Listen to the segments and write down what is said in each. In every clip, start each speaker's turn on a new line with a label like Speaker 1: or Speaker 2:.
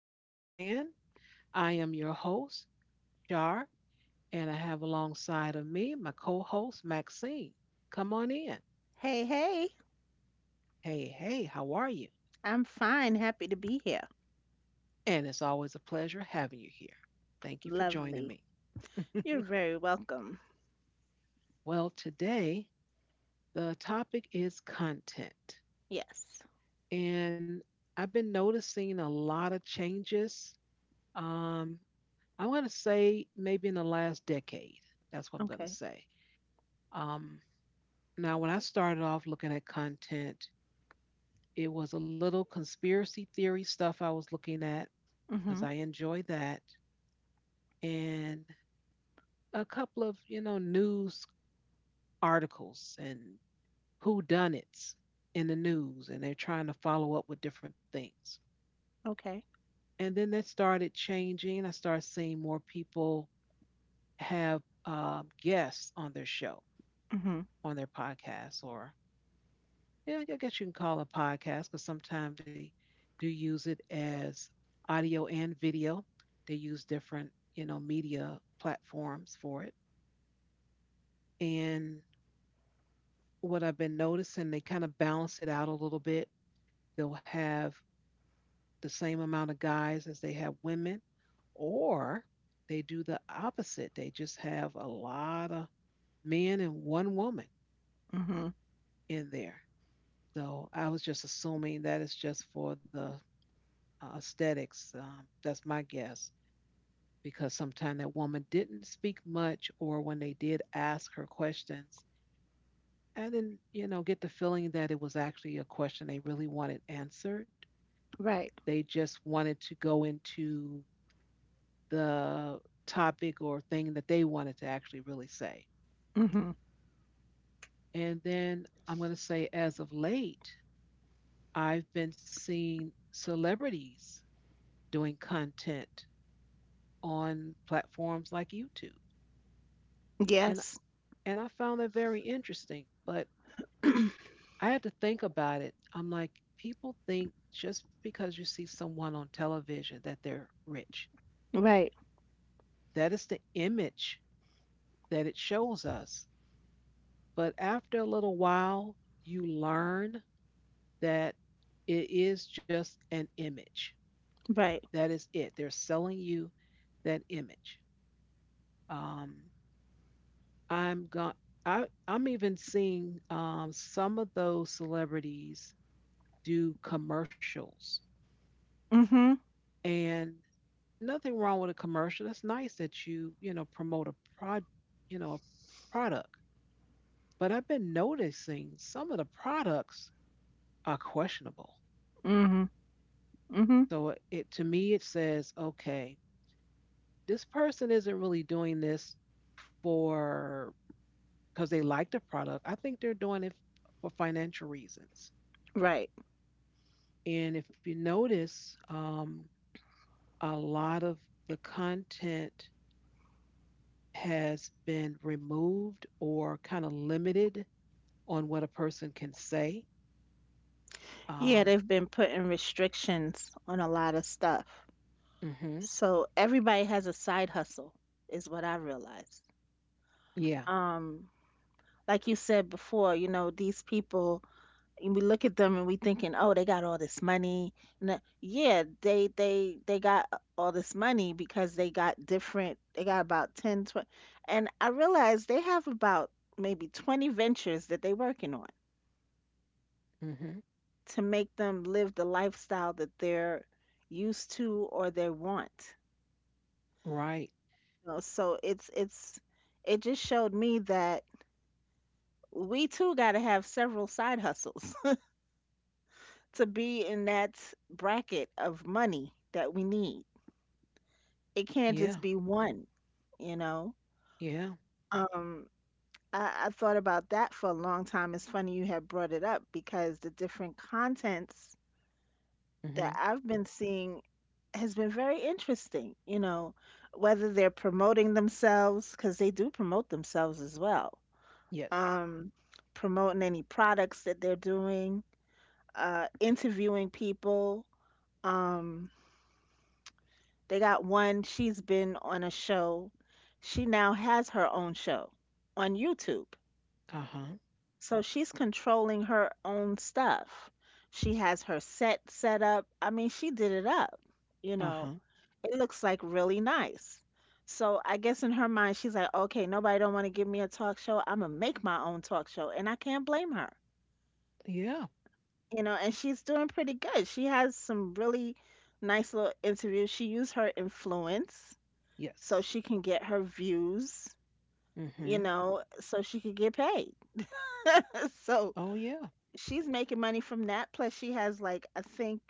Speaker 1: podcast land. I am your host, Jar, and I have alongside of me my co host, Maxine. Come on in.
Speaker 2: Hey, hey,
Speaker 1: Hey, hey, how are you?
Speaker 2: I'm fine. Happy to be here.
Speaker 1: And it's always a pleasure having you here. Thank you for joining
Speaker 2: Lovely.
Speaker 1: me.
Speaker 2: You're very welcome.
Speaker 1: Well, today the topic is content,
Speaker 2: Yes.
Speaker 1: and I've been noticing a lot of changes. Um, I'm going to say maybe in the last decade. That's what I'm going to
Speaker 2: Okay.
Speaker 1: say. Um, Now, when I started off looking at content, it was a little conspiracy theory stuff I was looking at because
Speaker 2: Mm-hmm.
Speaker 1: I enjoy that, and a couple of news articles and whodunits in the news, and they're trying to follow up with different things.
Speaker 2: Okay.
Speaker 1: And then that started changing. I started seeing more people have guests on their show,
Speaker 2: Mm-hmm.
Speaker 1: on their podcast, or yeah, I guess you can call a podcast because sometimes they do use it as audio and video. They use different, you know, media platforms for it. And what I've been noticing, they kind of balance it out a little bit. They'll have the same amount of guys as they have women, or they do the opposite. They just have a lot of men and one woman
Speaker 2: Mm-hmm.
Speaker 1: in there. So I was just assuming that it's just for the aesthetics. That's my guess, because sometimes that woman didn't speak much, or when they did ask her questions I didn't, you know, get the feeling that it was actually a question they really wanted answered.
Speaker 2: Right.
Speaker 1: They just wanted to go into the topic or thing that they wanted to actually really say.
Speaker 2: Mm-hmm.
Speaker 1: And then I'm going to say, as of late, I've been seeing celebrities doing content on platforms like YouTube. And,
Speaker 2: Yes.
Speaker 1: and I found that very interesting. But I had to think about it. I'm like, people think just because you see someone on television that they're rich.
Speaker 2: Right.
Speaker 1: That is the image that it shows us. But after a little while, you learn that it is just an image.
Speaker 2: Right.
Speaker 1: That is it. They're selling you that image. Um, I'm going. I'm even seeing some of those celebrities do commercials,
Speaker 2: Mm-hmm.
Speaker 1: and nothing wrong with a commercial. It's nice that you know, promote a prod, you know, a product. But I've been noticing some of the products are questionable.
Speaker 2: Mm-hmm. Mm-hmm.
Speaker 1: So it to me it says, okay, this person isn't really doing this for because they like the product. I think they're doing it for financial reasons.
Speaker 2: Right.
Speaker 1: And if you notice, a lot of the content has been removed or kind of limited on what a person can say.
Speaker 2: Yeah,
Speaker 1: Um,
Speaker 2: they've been putting restrictions on a lot of stuff.
Speaker 1: mhm.
Speaker 2: So everybody has a side hustle, is what I realized.
Speaker 1: Yeah.
Speaker 2: Um, like you said before, you know, these people. And we look at them and we thinking, oh, they got all this money. No, yeah, they got all this money because they got different. They got about 10, 20, and I realized they have about maybe 20 ventures that they're working on
Speaker 1: Mhm.
Speaker 2: to make them live the lifestyle that they're used to or they want.
Speaker 1: Right.
Speaker 2: You know, so it's it just showed me that we too got to have several side hustles to be in that bracket of money that we need. It can't
Speaker 1: Yeah.
Speaker 2: just be one, you know?
Speaker 1: Yeah.
Speaker 2: Um, I thought about that for a long time. It's funny you had brought it up because the different contents
Speaker 1: Mhm.
Speaker 2: that I've been seeing has been very interesting, you know, whether they're promoting themselves, because they do promote themselves as well,
Speaker 1: Yes.
Speaker 2: um, promoting any products that they're doing, interviewing people. um, They got one. She's been on a show. She now has her own show on YouTube.
Speaker 1: Uh-huh.
Speaker 2: So she's controlling her own stuff. She has her set up. I mean, she did it up. You
Speaker 1: Uh-huh.
Speaker 2: know, it looks like really nice. So I guess in her mind, she's like, okay, nobody don't want to give me a talk show. I'm gonna make my own talk show, and I can't blame her.
Speaker 1: Yeah.
Speaker 2: You know, and she's doing pretty good. She has some really nice little interviews. She used her influence so
Speaker 1: Yes.
Speaker 2: she can get her views, you
Speaker 1: Mhm.
Speaker 2: know, so she could get paid. So
Speaker 1: Oh yeah.
Speaker 2: she's making money from that. Plus, she has, like, I think,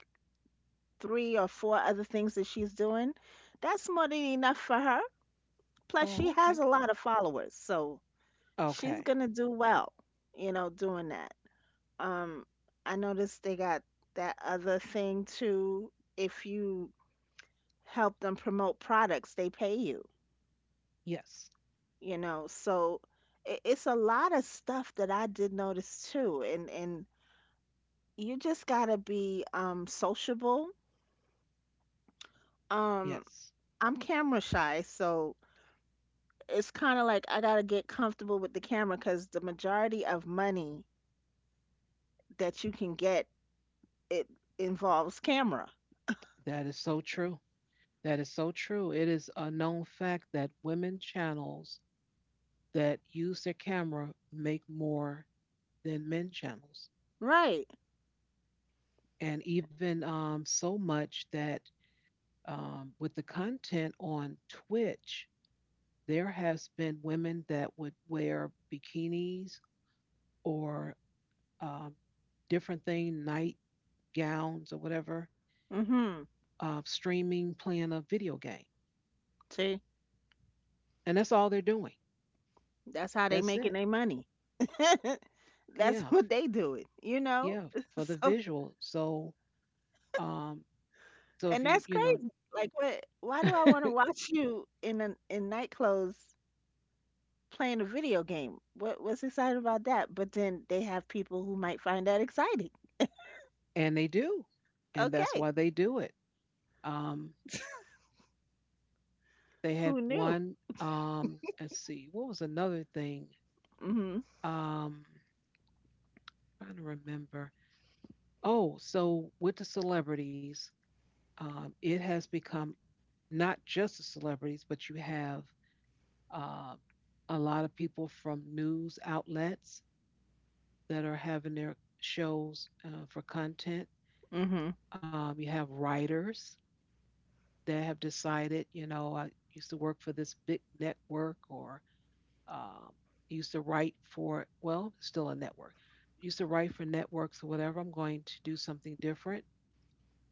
Speaker 2: three or four other things that she's doing. That's more than enough for her. Plus, she
Speaker 1: Oh,
Speaker 2: has
Speaker 1: okay.
Speaker 2: a lot of followers. So she's
Speaker 1: Okay.
Speaker 2: going to do well, you know, doing that. Um, I noticed they got that other thing too. If you help them promote products, they pay you.
Speaker 1: Yes.
Speaker 2: You know, so it's a lot of stuff that I did notice too. And you just gotta be sociable. um
Speaker 1: Yes.
Speaker 2: I'm camera shy, so it's kind of like I gotta get comfortable with the camera because the majority of money that you can get, it involves camera.
Speaker 1: That is so true. That is so true. It is a known fact that women channels that use their camera make more than men channels.
Speaker 2: Right.
Speaker 1: And even so much that with the content on Twitch, there has been women that would wear bikinis or um, different thing, night gowns or whatever,
Speaker 2: Mm-hmm.
Speaker 1: streaming, playing a video game,
Speaker 2: See,
Speaker 1: and that's all they're doing.
Speaker 2: that's how they
Speaker 1: That's
Speaker 2: making
Speaker 1: it.
Speaker 2: their money. That's
Speaker 1: Yeah,
Speaker 2: what they doing, you know.
Speaker 1: yeah, for the
Speaker 2: So.
Speaker 1: visual. So, um, so if
Speaker 2: And
Speaker 1: you
Speaker 2: that's
Speaker 1: you know,
Speaker 2: crazy. Like, what? Why do I want to watch you in in night clothes playing a video game? What's exciting about that? But then they have people who might find that exciting.
Speaker 1: and they do, and that's why
Speaker 2: Okay,
Speaker 1: they do it. Um, they had
Speaker 2: who knew?
Speaker 1: one. Let's see, what was another thing?
Speaker 2: Mhm.
Speaker 1: Um, trying to remember. Oh, so with the celebrities, it has become not just the celebrities, but you have uh, a lot of people from news outlets that are having their shows for content.
Speaker 2: Mhm.
Speaker 1: You have writers that have decided, you know, I used to work for this big network or um, used to write for, well, it's still a network, used to write for networks or whatever. I'm going to do something different.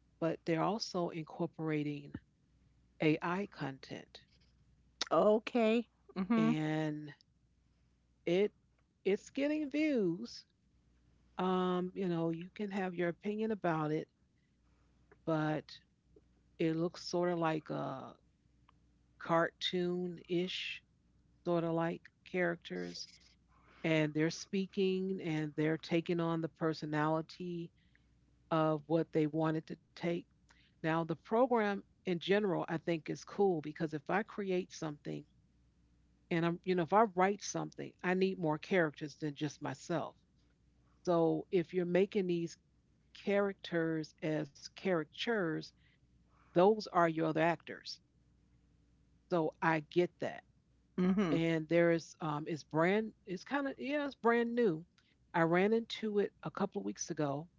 Speaker 1: But they're also incorporating AI content
Speaker 2: Okay. Mhm.
Speaker 1: and it it's getting views. You know, you can have your opinion about it, but it looks sort of like a cartoon-ish sort of like characters, and they're speaking and they're taking on the personality of what they wanted to take. Now the program in general I think is cool because if I create something. And I'm, you know, if I write something, I need more characters than just myself. So if you're making these characters as caricatures, those are your other actors. So I get that.
Speaker 2: Mhm.
Speaker 1: And there is, it's brand, it's kind of, yeah, it's brand new. I ran into it a couple of weeks ago,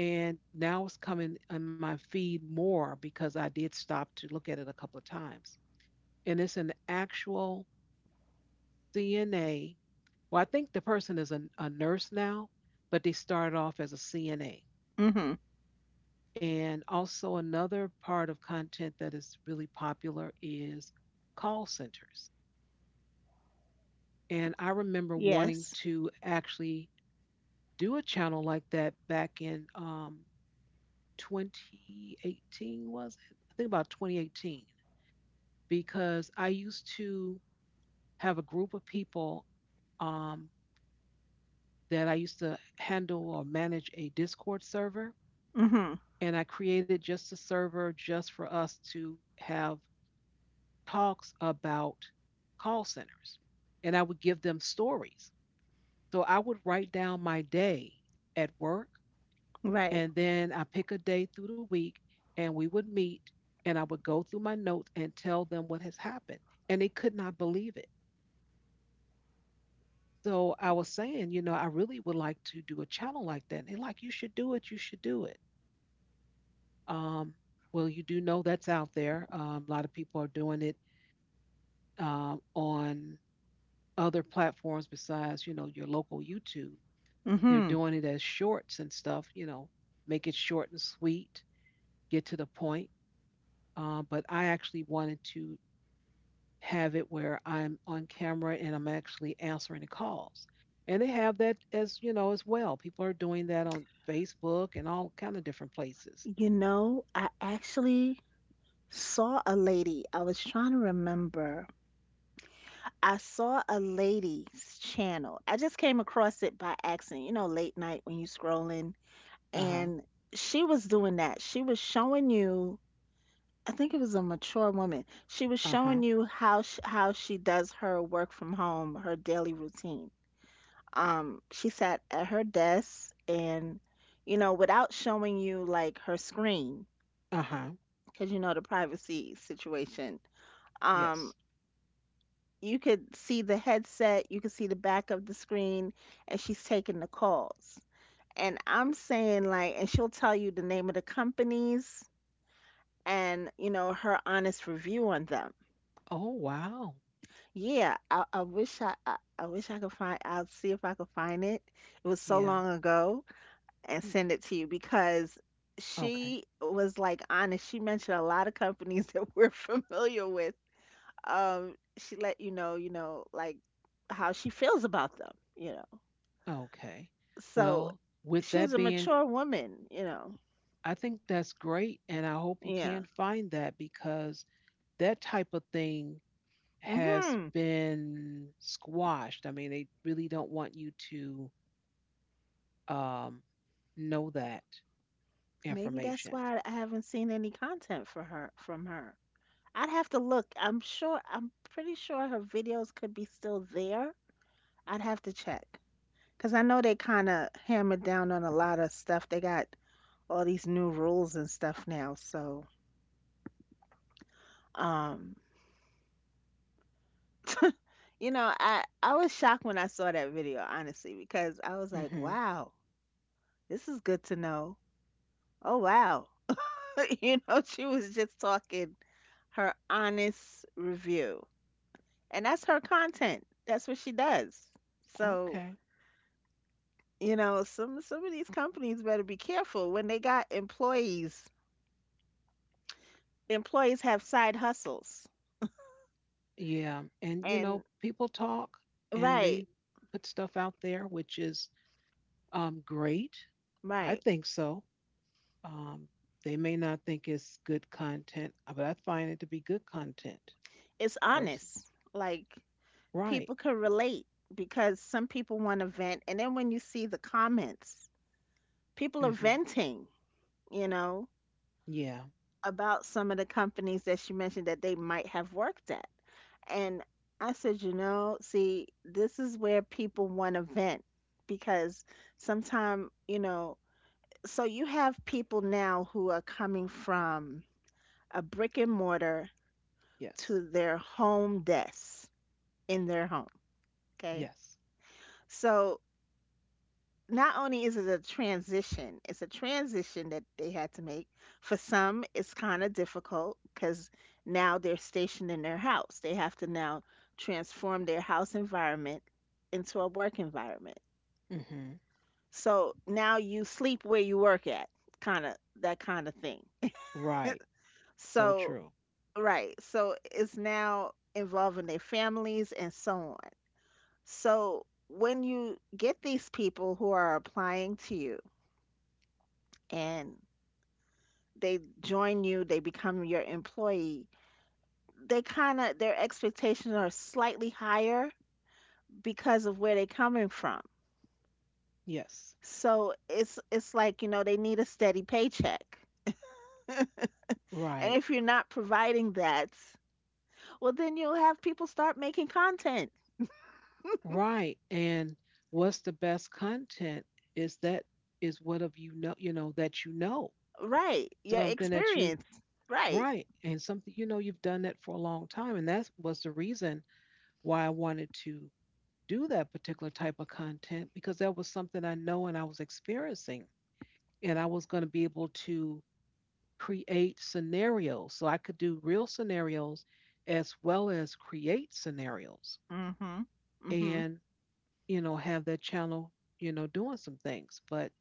Speaker 1: and now it's coming on my feed more because I did stop to look at it a couple of times. And it's an actual CNA. Well, I think the person is a nurse now, but they started off as a CNA.
Speaker 2: Mhm.
Speaker 1: And also, another part of content that is really popular is call centers. And I remember wanting
Speaker 2: Yes.
Speaker 1: to actually do a channel like that back in 2018, was it? I think about 2018, because I used to have a group of people um, that I used to handle or manage a Discord server,
Speaker 2: Mhm.
Speaker 1: and I created just a server just for us to have talks about call centers. And I would give them stories. So I would write down my day at work,
Speaker 2: Right.
Speaker 1: and then I pick a day through the week, and we would meet, and I would go through my notes and tell them what has happened. And they could not believe it. So I was saying, you know, I really would like to do a channel like that. And they're like, you should do it. You should do it. Um, well, you do know that's out there. A lot of people are doing it on other platforms besides you know your local YouTube. They're
Speaker 2: Mhm.
Speaker 1: doing it as shorts and stuff. You know, make it short and sweet, get to the point. But I actually wanted to have it where I'm on camera and I'm actually answering the calls. And they have that as you know as well. People are doing that on Facebook and all kind of different places.
Speaker 2: You know, I actually saw a lady. I was trying to remember. I saw a lady's channel. I just came across it by accident, you know, late night when you scrolling.
Speaker 1: Uh huh.
Speaker 2: And she was doing that. She was showing you, I think it was a mature woman. She was
Speaker 1: Uh huh.
Speaker 2: showing you how sh how she does her work from home, her daily routine. She sat at her desk and, you know, without showing you, like, her screen,
Speaker 1: Uh huh.
Speaker 2: because you know the privacy situation. Um,
Speaker 1: Yes.
Speaker 2: you could see the headset, you could see the back of the screen, and she's taking the calls. And I'm saying, like, and she'll tell you the name of the companies and, you know, her honest review on them.
Speaker 1: Oh wow.
Speaker 2: Yeah, I wish I wish I could find, I'll see if I could find it. It was so
Speaker 1: Yeah.
Speaker 2: long ago and send it to you because
Speaker 1: Okay.
Speaker 2: she was, like, honest. She mentioned a lot of companies that we're familiar with. She let you know, like, how she feels about them, you.
Speaker 1: Okay.
Speaker 2: So
Speaker 1: Well, with
Speaker 2: she's
Speaker 1: that
Speaker 2: a
Speaker 1: being
Speaker 2: mature woman, you know.
Speaker 1: I think that's great. And I hope you
Speaker 2: Yeah.
Speaker 1: can find that because that type of thing has
Speaker 2: Mhm.
Speaker 1: been squashed. I mean, they really don't want you to um, know that
Speaker 2: Maybe that's
Speaker 1: information.
Speaker 2: why I haven't seen any content for her from her. I'd have to look. I'm sure, I'm pretty sure her videos could be still there. I'd have to check. 'Cause I know they kind of hammered down on a lot of stuff. They got all these new rules and stuff now. So, um, you know, I was shocked when I saw that video, honestly, because I was like,
Speaker 1: Hmm.
Speaker 2: "Wow, this is good to know." Oh, wow. You know, she was just talking her honest review. And that's her content. That's what she does. So,
Speaker 1: Okay.
Speaker 2: you know, some of these companies better be careful when they got employees. Employees have side hustles.
Speaker 1: Yeah, and you
Speaker 2: And
Speaker 1: know, people talk and
Speaker 2: right,
Speaker 1: they put stuff out there, which is great. I
Speaker 2: right.
Speaker 1: think so. Um, they may not think it's good content, but I find it to be good content
Speaker 2: It's
Speaker 1: personally.
Speaker 2: honest. Like,
Speaker 1: Right.
Speaker 2: people can relate because some people want to vent and then when you see the comments, people are
Speaker 1: Hmm.
Speaker 2: venting, you know.
Speaker 1: Yeah.
Speaker 2: About some of the companies that she mentioned that they might have worked at. And I said, you know, see, this is where people want to vent because sometimes, you know, so you have people now who are coming from a brick and mortar
Speaker 1: Yes.
Speaker 2: to their home desks in their home. Okay.
Speaker 1: Yes.
Speaker 2: So not only is it a transition, it's a transition that they had to make. For some, it's kind of difficult because now they're stationed in their house. They have to now transform their house environment into a work environment.
Speaker 1: Hmm.
Speaker 2: So now you sleep where you work at, kind of, that kind of thing.
Speaker 1: Right. So
Speaker 2: So,
Speaker 1: true.
Speaker 2: right. So it's now involving their families and so on. So when you get these people who are applying to you, and they join you, they become your employee. They kind of, their expectations are slightly higher because of where they're coming from.
Speaker 1: Yes.
Speaker 2: So it's like, you know, they need a steady paycheck. And
Speaker 1: Right.
Speaker 2: if you're not providing that, well then you'll have people start making content.
Speaker 1: Right. And what's the best content is that is what of you know, that you know,
Speaker 2: Right. Your
Speaker 1: something that you
Speaker 2: experience. Right.
Speaker 1: right, and something you know you've done that for a long time, and that was the reason why I wanted to do that particular type of content because that was something I know and I was experiencing, and I was going to be able to create scenarios so I could do real scenarios as well as create scenarios
Speaker 2: Mhm. Mhm.
Speaker 1: and you know have that channel you know doing some things, but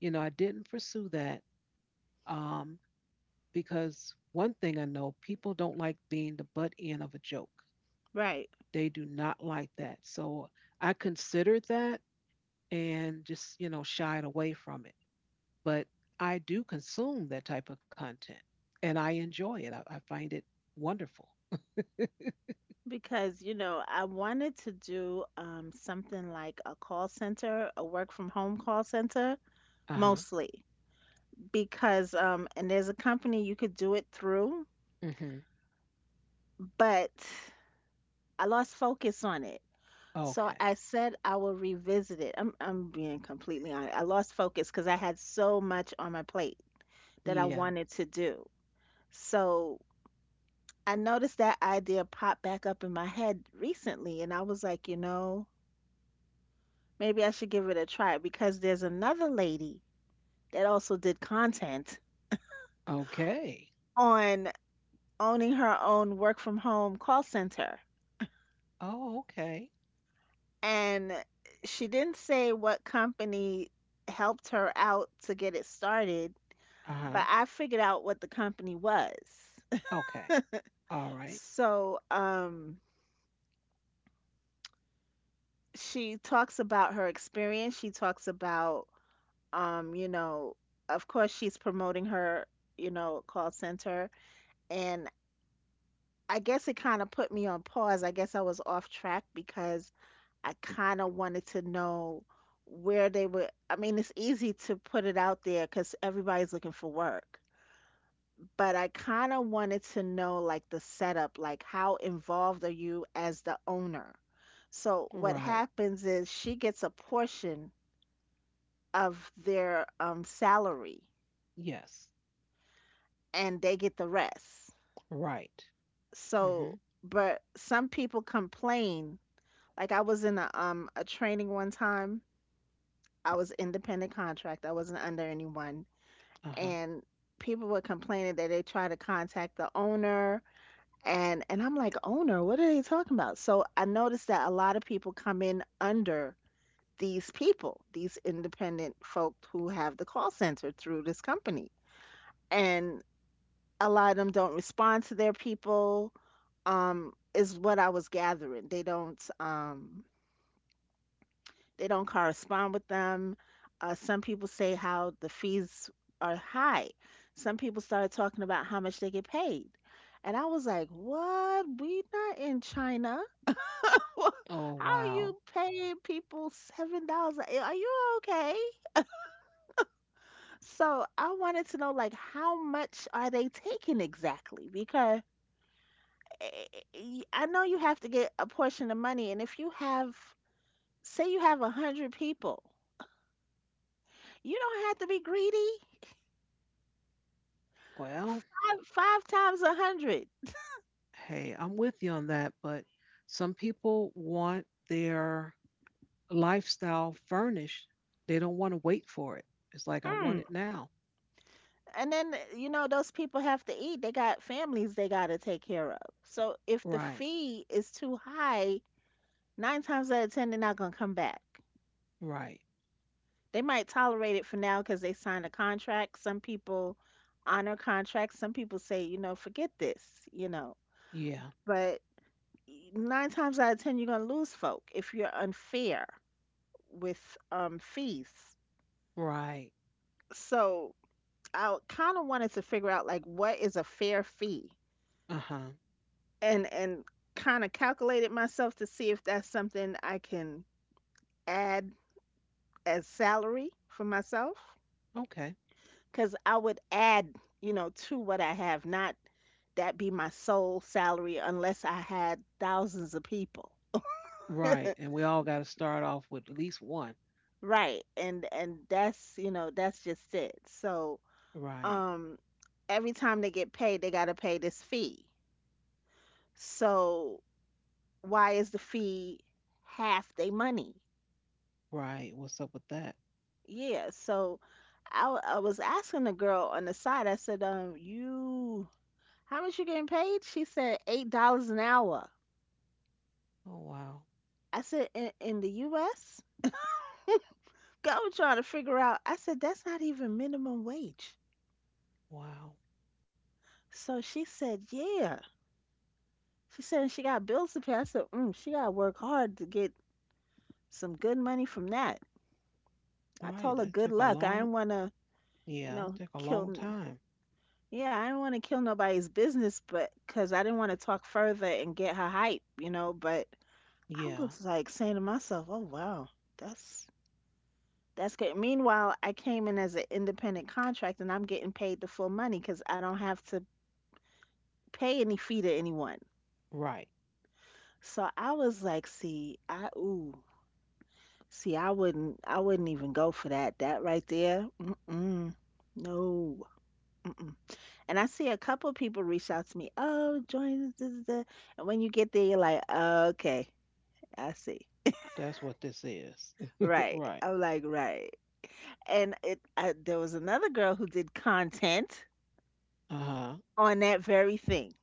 Speaker 1: you know I didn't pursue that um, because one thing I know, people don't like being the butt end of a joke.
Speaker 2: Right.
Speaker 1: They do not like that. So I considered that and just, you know, shied away from it. But I do consume that type of content, and I enjoy it. I find it wonderful.
Speaker 2: Because, you know, I wanted to do something like a call center, a work from home call center
Speaker 1: Uh huh.
Speaker 2: mostly because and there's a company you could do it through,
Speaker 1: Mm-hmm.
Speaker 2: but I lost focus on it. So
Speaker 1: Okay.
Speaker 2: I said I will revisit it. I'm being completely honest. I lost focus because I had so much on my plate that I
Speaker 1: Yeah.
Speaker 2: wanted to do. So I noticed that idea pop back up in my head recently and I was like, you know, maybe I should give it a try because there's another lady that also did content
Speaker 1: Okay.
Speaker 2: on owning her own work from home call center
Speaker 1: Oh, okay.
Speaker 2: and she didn't say what company helped her out to get it started,
Speaker 1: Uh huh.
Speaker 2: but I figured out what the company was.
Speaker 1: Okay. All right.
Speaker 2: So, she talks about her experience. She talks about, you know, of course, she's promoting her, you know, call center. And I guess it kind of put me on pause. I guess I was off track because I kind of wanted to know where they were. I mean, it's easy to put it out there because everybody's looking for work, but I kind of wanted to know, like, the setup, like, how involved are you as the owner? So what
Speaker 1: Right.
Speaker 2: happens is she gets a portion of their salary
Speaker 1: Yes.
Speaker 2: and they get the rest.
Speaker 1: Right. Mm-hmm.
Speaker 2: So, but some people complain. Like, I was in a training one time. I was independent contract. I wasn't under anyone
Speaker 1: Uh huh.
Speaker 2: and people were complaining that they tried to contact the owner and I'm like, "Owner, what are they talking about?" So I noticed that a lot of people come in under these people, these independent folk who have the call center through this company. And a lot of them don't respond to their people is what I was gathering. They don't correspond with them. Some people say how the fees are high. Some people started talking about how much they get paid. And I was like, what? We not in China.
Speaker 1: Oh,
Speaker 2: How are you
Speaker 1: wow.
Speaker 2: paying people $7? Are you okay? So I wanted to know, like, how much are they taking exactly? Because I know you have to get a portion of money, and if you have, say, you have 100 people, you don't have to be greedy.
Speaker 1: Well,
Speaker 2: 5, 5 times 100.
Speaker 1: hey, I'm with you on that, but some people want their lifestyle furnished, they don't want to wait for it. It's like I want
Speaker 2: Hmm.
Speaker 1: it now.
Speaker 2: And then, you know, those people have to eat. They got families they got to take care of. So if the
Speaker 1: Right.
Speaker 2: fee is too high, nine times out of 10, they're not going to come back.
Speaker 1: Right.
Speaker 2: They might tolerate it for now because they signed a contract. Some people honor contracts. Some people say, you know, forget this, you know.
Speaker 1: Yeah.
Speaker 2: But nine times out of 10, you're going to lose folk if you're unfair with fees.
Speaker 1: Right.
Speaker 2: So I kind of wanted to figure out like what is a fair fee
Speaker 1: Uh-huh.
Speaker 2: and kind of calculated myself to see if that's something I can add as salary for myself
Speaker 1: Okay.
Speaker 2: cuz I would add, to what I have, not that be my sole salary unless I had thousands of people.
Speaker 1: Right. And we all got to start off with at least one.
Speaker 2: Right. And that's, that's just it. So,
Speaker 1: Right.
Speaker 2: um every time they get paid, they got to pay this fee. So, why is the fee half their money?
Speaker 1: Right. What's up with that?
Speaker 2: Yeah, so I was asking the girl on the side. I said, you, how much you getting paid? She said $8 an hour.
Speaker 1: Oh wow.
Speaker 2: I said, in the U.S. Go trying to figure out. I said, that's not even minimum wage.
Speaker 1: Wow.
Speaker 2: So she said, yeah. She said she got bills to pay. I said, mm, she gotta work hard to get some good money from that. I
Speaker 1: Right.
Speaker 2: told her
Speaker 1: That
Speaker 2: good
Speaker 1: took a
Speaker 2: luck. I
Speaker 1: long
Speaker 2: didn't wanna,
Speaker 1: yeah, it took a long
Speaker 2: kill.
Speaker 1: time.
Speaker 2: Yeah, I didn't want to kill nobody's business, but because I didn't want to talk further and get her hype, But I
Speaker 1: Yeah.
Speaker 2: was like saying to myself, "Oh wow, that's that's good." Meanwhile, I came in as an independent contractor, and I'm getting paid the full money because I don't have to pay any fee to anyone.
Speaker 1: Right.
Speaker 2: So I was like, "See, I ooh, see, I wouldn't even go for that. That right there, mm-mm, no." And I see a couple people reach out to me, oh, join us, da, da, da." And when you get there, you're like, okay, I see.
Speaker 1: That's what this is.
Speaker 2: Right.
Speaker 1: Right.
Speaker 2: I'm like, right. And there was another girl who did content
Speaker 1: Uh-huh.
Speaker 2: on that very thing,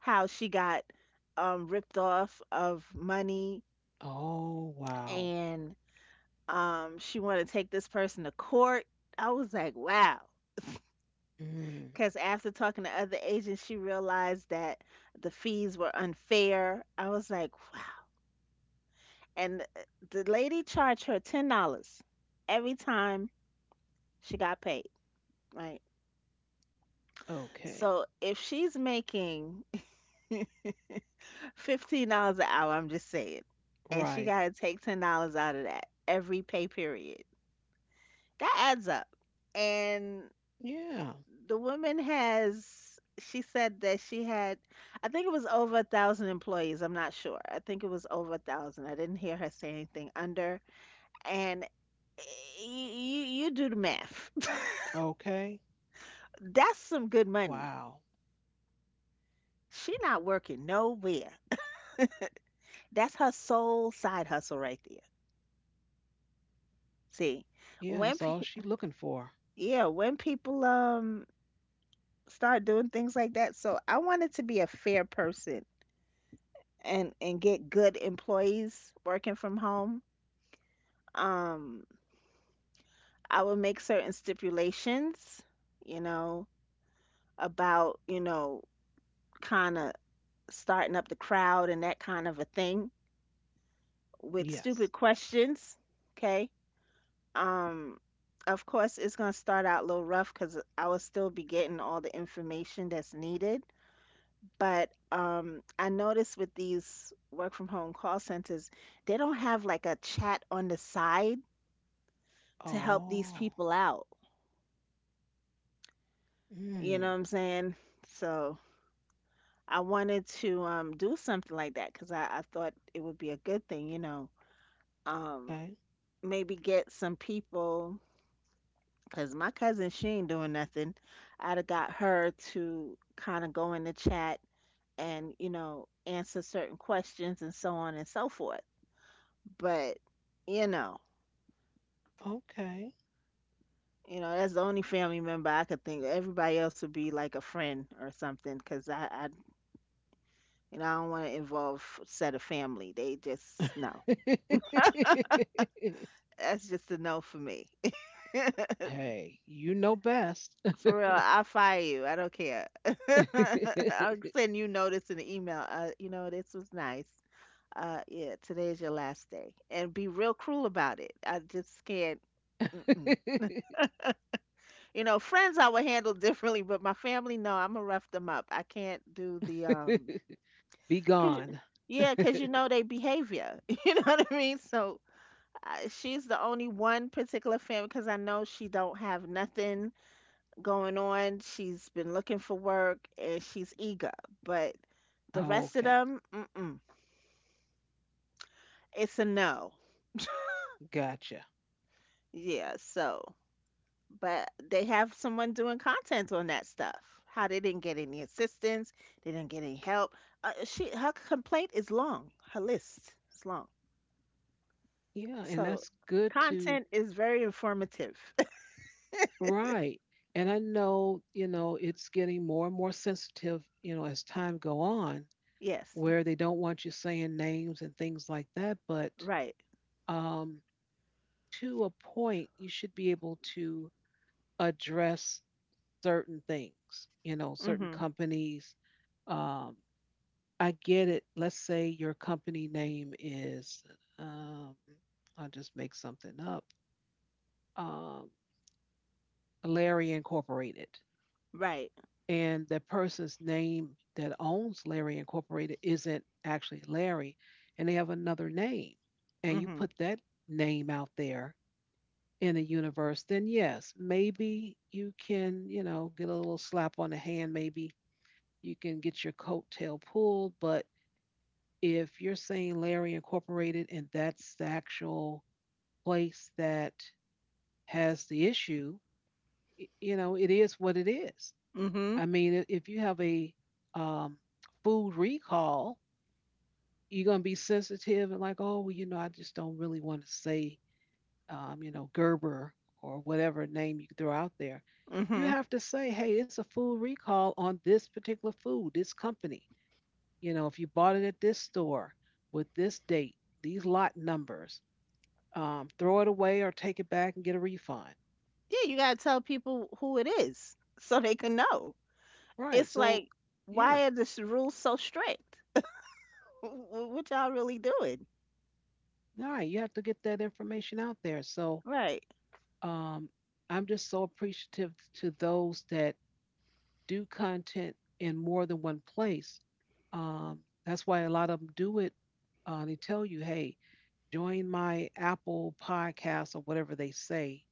Speaker 2: how she got ripped off of money
Speaker 1: Oh wow.
Speaker 2: and she wanted to take this person to court. I was like, wow.
Speaker 1: Mm.
Speaker 2: Because after talking to other agents, she realized that the fees were unfair. I was like, and the lady charged her $10 every time she got paid. Right.
Speaker 1: Okay.
Speaker 2: So if she's making $15 an hour, I'm just saying, and she
Speaker 1: Right.
Speaker 2: got to take $10 out of that every pay period, that adds up. And
Speaker 1: Yeah.
Speaker 2: the woman has, she said that she had, I think it was over a thousand employees. I'm not sure. I think it was over a thousand. I didn't hear her say anything under. And eh, you do the math.
Speaker 1: Okay.
Speaker 2: That's some good money.
Speaker 1: Wow.
Speaker 2: She not working nowhere. That's her sole side hustle right there. See,
Speaker 1: Yeah,
Speaker 2: when
Speaker 1: that's all
Speaker 2: pe-
Speaker 1: she looking for.
Speaker 2: yeah, when people start doing things like that, so I wanted to be a fair person and get good employees working from home. Um, I would make certain stipulations, you know, about kind of starting up the crowd and that kind of a thing with stupid
Speaker 1: Yes.
Speaker 2: questions. Okay. um of course it's going to start out a little rough because I will still be getting all the information that's needed, but I noticed with these work from home call centers they don't have like a chat on the side to help these
Speaker 1: Oh.
Speaker 2: people out, you
Speaker 1: Mm.
Speaker 2: know what I'm saying? So I wanted to do something like that because I thought it would be a good thing, um
Speaker 1: Okay.
Speaker 2: maybe get some people. Cause my cousin, she ain't doing nothing. I'd have got her to kind of go in the chat and, answer certain questions and so on and so forth. But, you know,
Speaker 1: Okay.
Speaker 2: that's the only family member I could think of. Everybody else would be like a friend or something. Cause I don't want to involve set of family. They just no. That's just a no for me.
Speaker 1: Hey, you know best.
Speaker 2: For real, I'll fire you. I don't care. I'll send you notice in the email. You know, this was nice. Uh, yeah, today is your last day and be real cruel about it, I just can't. Mm-mm. You know, friends I would handle differently, but my family no, I'm gonna rough them up. I can't do the
Speaker 1: Be
Speaker 2: cause,
Speaker 1: gone.
Speaker 2: yeah, cause you know their behavior you know what I mean? So she's the only one particular family because I know she don't have nothing going on, she's been looking for work and she's eager, but the rest of
Speaker 1: Okay.
Speaker 2: them mm-mm, it's a no.
Speaker 1: Gotcha.
Speaker 2: Yeah, so but they have someone doing content on that stuff. How they didn't get any assistance, they didn't get any help. She her complaint is long. Her list is long.
Speaker 1: Yeah, and
Speaker 2: So
Speaker 1: that's good to
Speaker 2: content is very informative.
Speaker 1: right. And I know, you know, it's getting more and more sensitive, you know, as time go on,
Speaker 2: Yes.
Speaker 1: where they don't want you saying names and things like that, but
Speaker 2: Right.
Speaker 1: um, to a point, you should be able to address certain things, you know, certain
Speaker 2: Mhm.
Speaker 1: companies. Um, I get it. Let's say your company name is, um, I'll just make something up, um, Larry Incorporated.
Speaker 2: Right.
Speaker 1: And the person's name that owns Larry Incorporated isn't actually Larry, and they have another name. And you
Speaker 2: Mhm.
Speaker 1: put that name out there in the universe, then yes, maybe you can, you know, get a little slap on the hand. Maybe you can get your coattail pulled. But if you're saying Larry Incorporated and that's the actual place that has the issue, you know, it is what it is.
Speaker 2: Mhm.
Speaker 1: I mean, if you have a um, food recall, you're going to be sensitive and like, oh, well, you know, I just don't really want to say you know, Gerber or whatever name you throw out there. You
Speaker 2: Mhm.
Speaker 1: have to say, hey, it's a full recall on this particular food, this company. You know, if you bought it at this store with this date, these lot numbers, throw it away or take it back and get a refund.
Speaker 2: Yeah, you gotta tell people who it is so they can know.
Speaker 1: Right.
Speaker 2: It's
Speaker 1: So,
Speaker 2: like,
Speaker 1: yeah.
Speaker 2: why are the s- rules so strict? What y'all really doing?
Speaker 1: All right. You have to get that information out there. So,
Speaker 2: Right.
Speaker 1: um, I'm just so appreciative to those that do content in more than one place. Um, that's why a lot of them do it. They tell you, hey, join my Apple podcast or whatever they say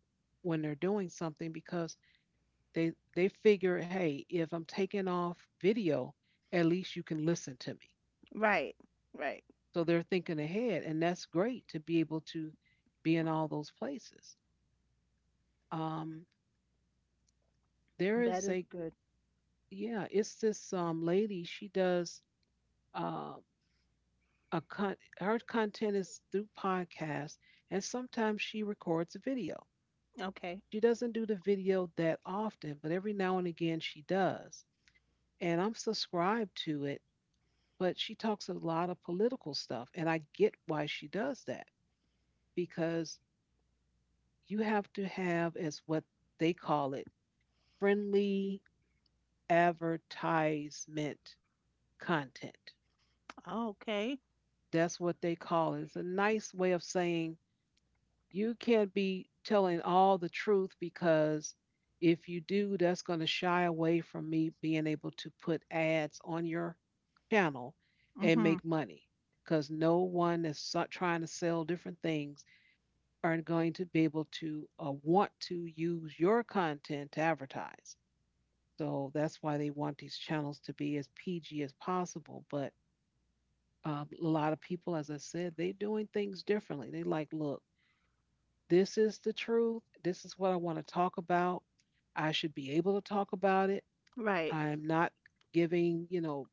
Speaker 1: when they're doing something because they figure, hey, if I'm taking off video, at least you can listen to me.
Speaker 2: Right. Right.
Speaker 1: So they're thinking ahead, and that's great to be able to be in all those places. Um, there
Speaker 2: That
Speaker 1: is
Speaker 2: is
Speaker 1: a
Speaker 2: good.
Speaker 1: yeah, it's this lady. She does uh, her content is through podcasts, and sometimes she records a video.
Speaker 2: Okay.
Speaker 1: She doesn't do the video that often, but every now and again she does. And I'm subscribed to it, but she talks a lot of political stuff, and I get why she does that because you have to have, as what they call it, friendly advertisement content.
Speaker 2: Oh, okay.
Speaker 1: That's what they call it. It's a nice way of saying you can't be telling all the truth because if you do, that's going to shy away from me being able to put ads on your channel and
Speaker 2: Mhm.
Speaker 1: make money. Because no one that's trying to sell different things are going to be able to want to use your content to advertise. So that's why they want these channels to be as PG as possible. But a lot of people, as I said, they're doing things differently. They like, look, this is the truth. This is what I want to talk about. I should be able to talk about it.
Speaker 2: Right.
Speaker 1: I am not giving, you know,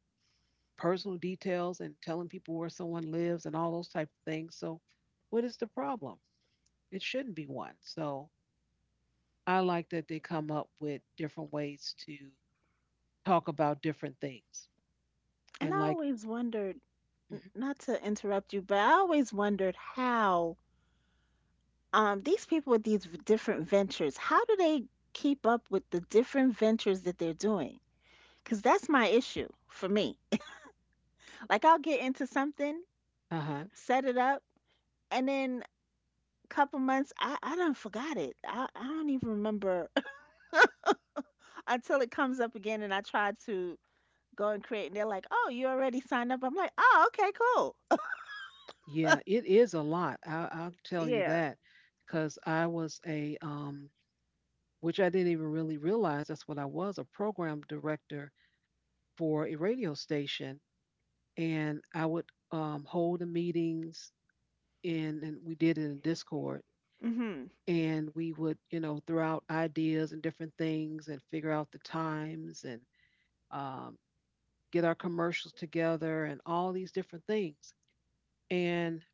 Speaker 1: personal details and telling people where someone lives and all those type of things. So, what is the problem? It shouldn't be one. So, I like that they come up with different ways to talk about different things.
Speaker 2: And I
Speaker 1: And like,
Speaker 2: always wondered, not to interrupt you, but I always wondered how these people with these different ventures, how do they keep up with the different ventures that they're doing? Cause that's my issue for me. Like I'll get into something,
Speaker 1: uh huh,
Speaker 2: set it up, and then couple months I done forgot it. I don't even remember until it comes up again and I try to go and create and they're like, "Oh, you already signed up." I'm like, "Oh, okay, cool."
Speaker 1: yeah, it is a lot. I'll tell you
Speaker 2: Yeah.
Speaker 1: that because I was a which I didn't even really realize that's what I was, a program director for a radio station. And I would hold the meetings, and, we did it in Discord.
Speaker 2: Mhm.
Speaker 1: And we would, you know, throw out ideas and different things and figure out the times and um, get our commercials together and all these different things. And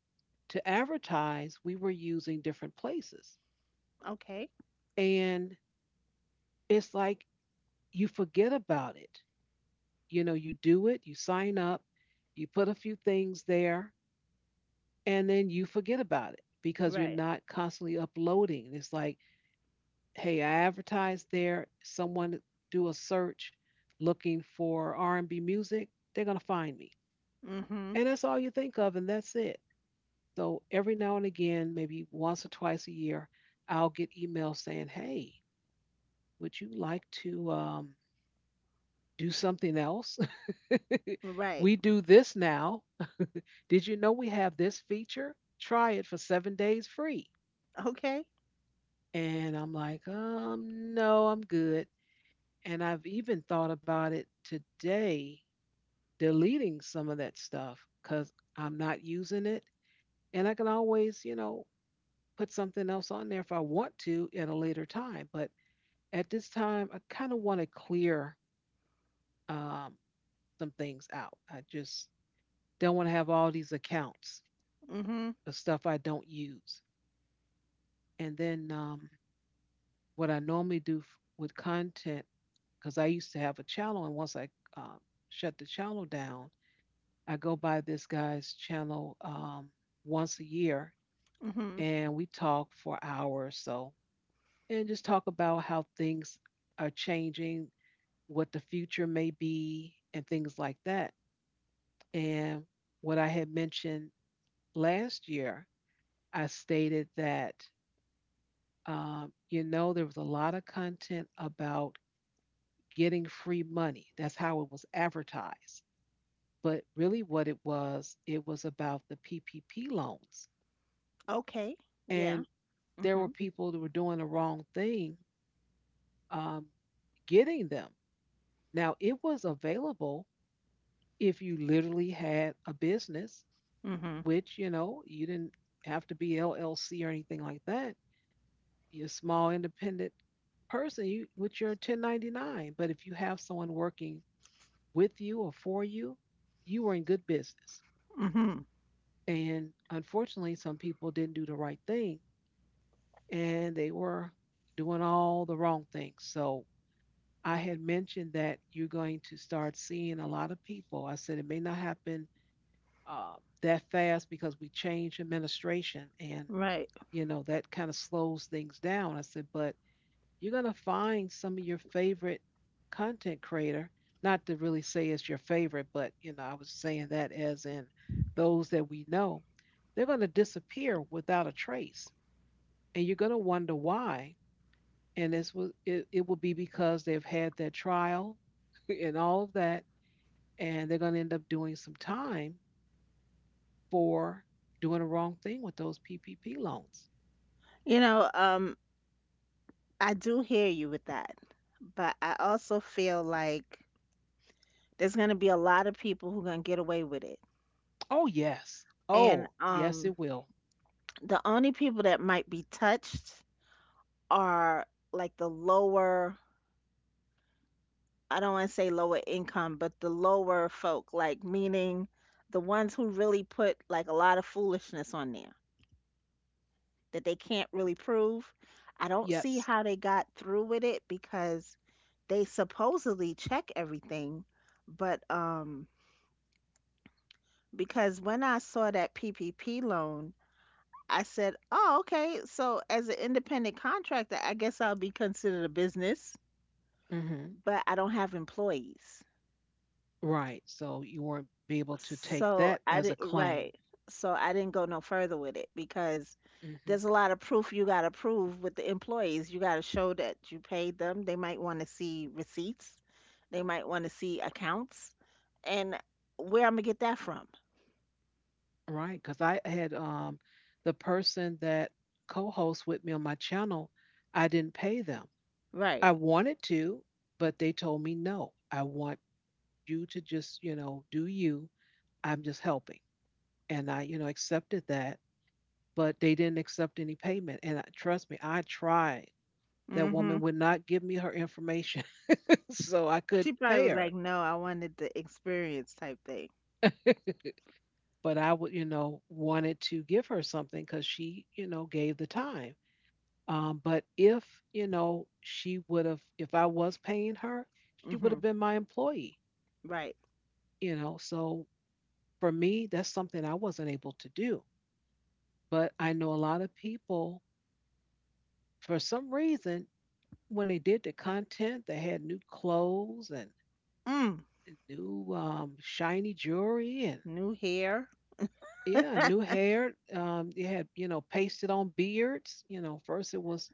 Speaker 1: to advertise, we were using different places.
Speaker 2: Okay.
Speaker 1: And it's like you forget about it. You know, you do it, you sign up, you put a few things there, and then you forget about it because you're
Speaker 2: Right.
Speaker 1: not constantly uploading. It's like, hey, I advertised there, someone do a search looking for R&B music, they're going to find me.
Speaker 2: Mhm.
Speaker 1: And that's all you think of and that's it. So every now and again, maybe once or twice a year, I'll get emails saying, "Hey, would you like to do something else?
Speaker 2: Right.
Speaker 1: We do this now. Did you know we have this feature? Try it for 7 days free."
Speaker 2: Okay.
Speaker 1: And I'm like, no, I'm good. And I've even thought about it today, deleting some of that stuff because I'm not using it. And I can always, you know, put something else on there if I want to at a later time. But at this time, I kind of want to clear um, some things out. I just don't want to have all these accounts
Speaker 2: Mhm.
Speaker 1: of stuff I don't use. And then what I normally do with content, because I used to have a channel, and once I um, shut the channel down, I go by this guy's channel once a year,
Speaker 2: Mhm.
Speaker 1: and we talk for an hour or so, and just talk about how things are changing, what the future may be, and things like that. And what I had mentioned last year, I stated that you know, there was a lot of content about getting free money. That's how it was advertised. But really, what it was about the PPP loans.
Speaker 2: Okay. Yeah.
Speaker 1: And there were
Speaker 2: Mhm.
Speaker 1: people that were doing the wrong thing um, getting them. Now, it was available if you literally had a business,
Speaker 2: Mhm.
Speaker 1: which, you know, you didn't have to be LLC or anything like that. You're a small independent person, you, with your 1099. But if you have someone working with you or for you, you were in good business.
Speaker 2: Mhm.
Speaker 1: And unfortunately, some people didn't do the right thing and they were doing all the wrong things. So I had mentioned that you're going to start seeing a lot of people. I said it may not happen uh, that fast because we changed administration and,
Speaker 2: Right.
Speaker 1: you know, that kind of slows things down. I said, but you're going to find some of your favorite content creator, not to really say it's your favorite, but you know, I was saying that as in those that we know, they're going to disappear without a trace, and you're going to wonder why. And it's, it will be because they've had their trial and all of that, and they're going to end up doing some time for doing the wrong thing with those PPP loans.
Speaker 2: You know, I do hear you with that. But I also feel like there's going to be a lot of people who going to get away with it.
Speaker 1: Oh yes,
Speaker 2: And
Speaker 1: oh yes it will.
Speaker 2: the only people that might be touched are like the lower, I don't want to say lower income, but the lower folk, like meaning the ones who really put like a lot of foolishness on there that they can't really prove. I don't see
Speaker 1: Yes.
Speaker 2: how they got through with it because they supposedly check everything, but because when I saw that PPP loan, I said, "Oh, okay. So as an independent contractor, I guess I'll be considered a business,
Speaker 1: Hmm.
Speaker 2: but I don't have employees."
Speaker 1: Right. So you won't be able to take
Speaker 2: So
Speaker 1: that
Speaker 2: I
Speaker 1: as a
Speaker 2: didn't,
Speaker 1: claim,
Speaker 2: right. So I didn't go no further with it because
Speaker 1: hmm,
Speaker 2: there's a lot of proof you got to prove with the employees. You got to show that you paid them. They might want to see receipts, they might want to see accounts. And where I'm going to get that from?
Speaker 1: right? Because I had the person that co-hosts with me on my channel, I didn't pay them.
Speaker 2: Right.
Speaker 1: I wanted to, but they told me no. I want you to just, you know, do you. I'm just helping, and I, you know, accepted that. But they didn't accept any payment, and I, trust me, I tried. That
Speaker 2: Hmm.
Speaker 1: woman would not give me her information, so I could
Speaker 2: She probably
Speaker 1: pay
Speaker 2: was
Speaker 1: her.
Speaker 2: like, no, I wanted the experience type thing.
Speaker 1: But I would, you know, wanted to give her something because she, you know, gave the time. But if, you know, she would have, if I was paying her, she would
Speaker 2: Hmm.
Speaker 1: have been my employee,
Speaker 2: Right.
Speaker 1: you know. So for me, that's something I wasn't able to do. But I know a lot of people, for some reason, when they did the content, they had new clothes and
Speaker 2: Mm.
Speaker 1: new shiny jewelry and
Speaker 2: New hair.
Speaker 1: yeah, new hair. They had, you know, pasted on beards. You know, first it was,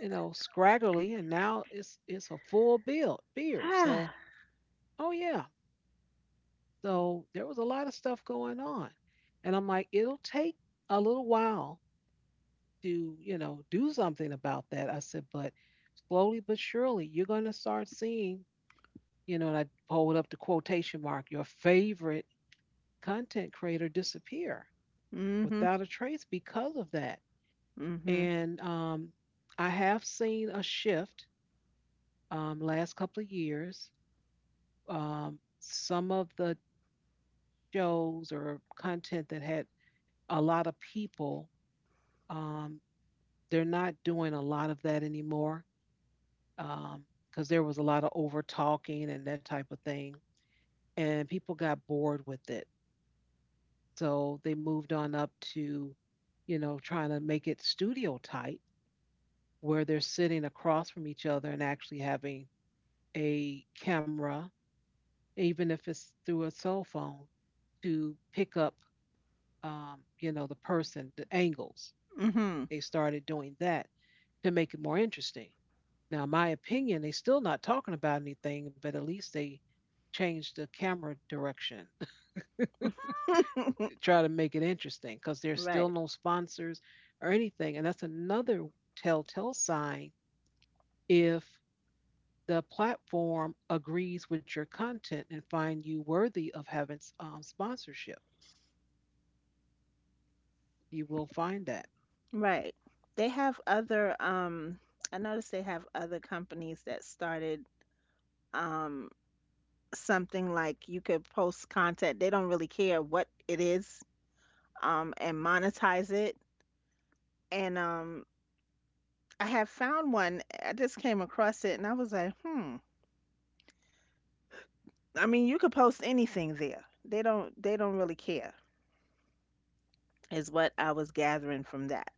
Speaker 1: you know, scraggly, and now it's a full build beard. So, oh yeah. So there was a lot of stuff going on. And I'm like, it'll take a little while to, you know, do something about that. I said, but slowly but surely you're gonna start seeing, you know, and I hold up the quotation mark, your favorite content creator disappear
Speaker 2: Mm-hmm.
Speaker 1: without a trace because of that.
Speaker 2: Mm-hmm.
Speaker 1: And um, I have seen a shift um, last couple of years. Um, some of the shows or content that had a lot of people, um, they're not doing a lot of that anymore because there was a lot of over talking and that type of thing. And people got bored with it. So they moved on up to, you know, trying to make it studio type where they're sitting across from each other and actually having a camera, even if it's through a cell phone, to pick up you know, the person, the angles. They started doing that to make it more interesting. Now, in my opinion, they still not talking about anything, but at least they changed the camera direction,
Speaker 2: Mm-hmm.
Speaker 1: try to make it interesting because there's still
Speaker 2: Right.
Speaker 1: no sponsors or anything. And that's another telltale sign if the platform agrees with your content and find you worthy of having sponsorship. You will find that.
Speaker 2: Right. They have other I noticed they have other companies that started um something like you could post content. They don't really care what it is, and monetize it. And I have found one. I just came across it and I was like, "Hmm. I mean, you could post anything there. They don't really care." Is what I was gathering from that.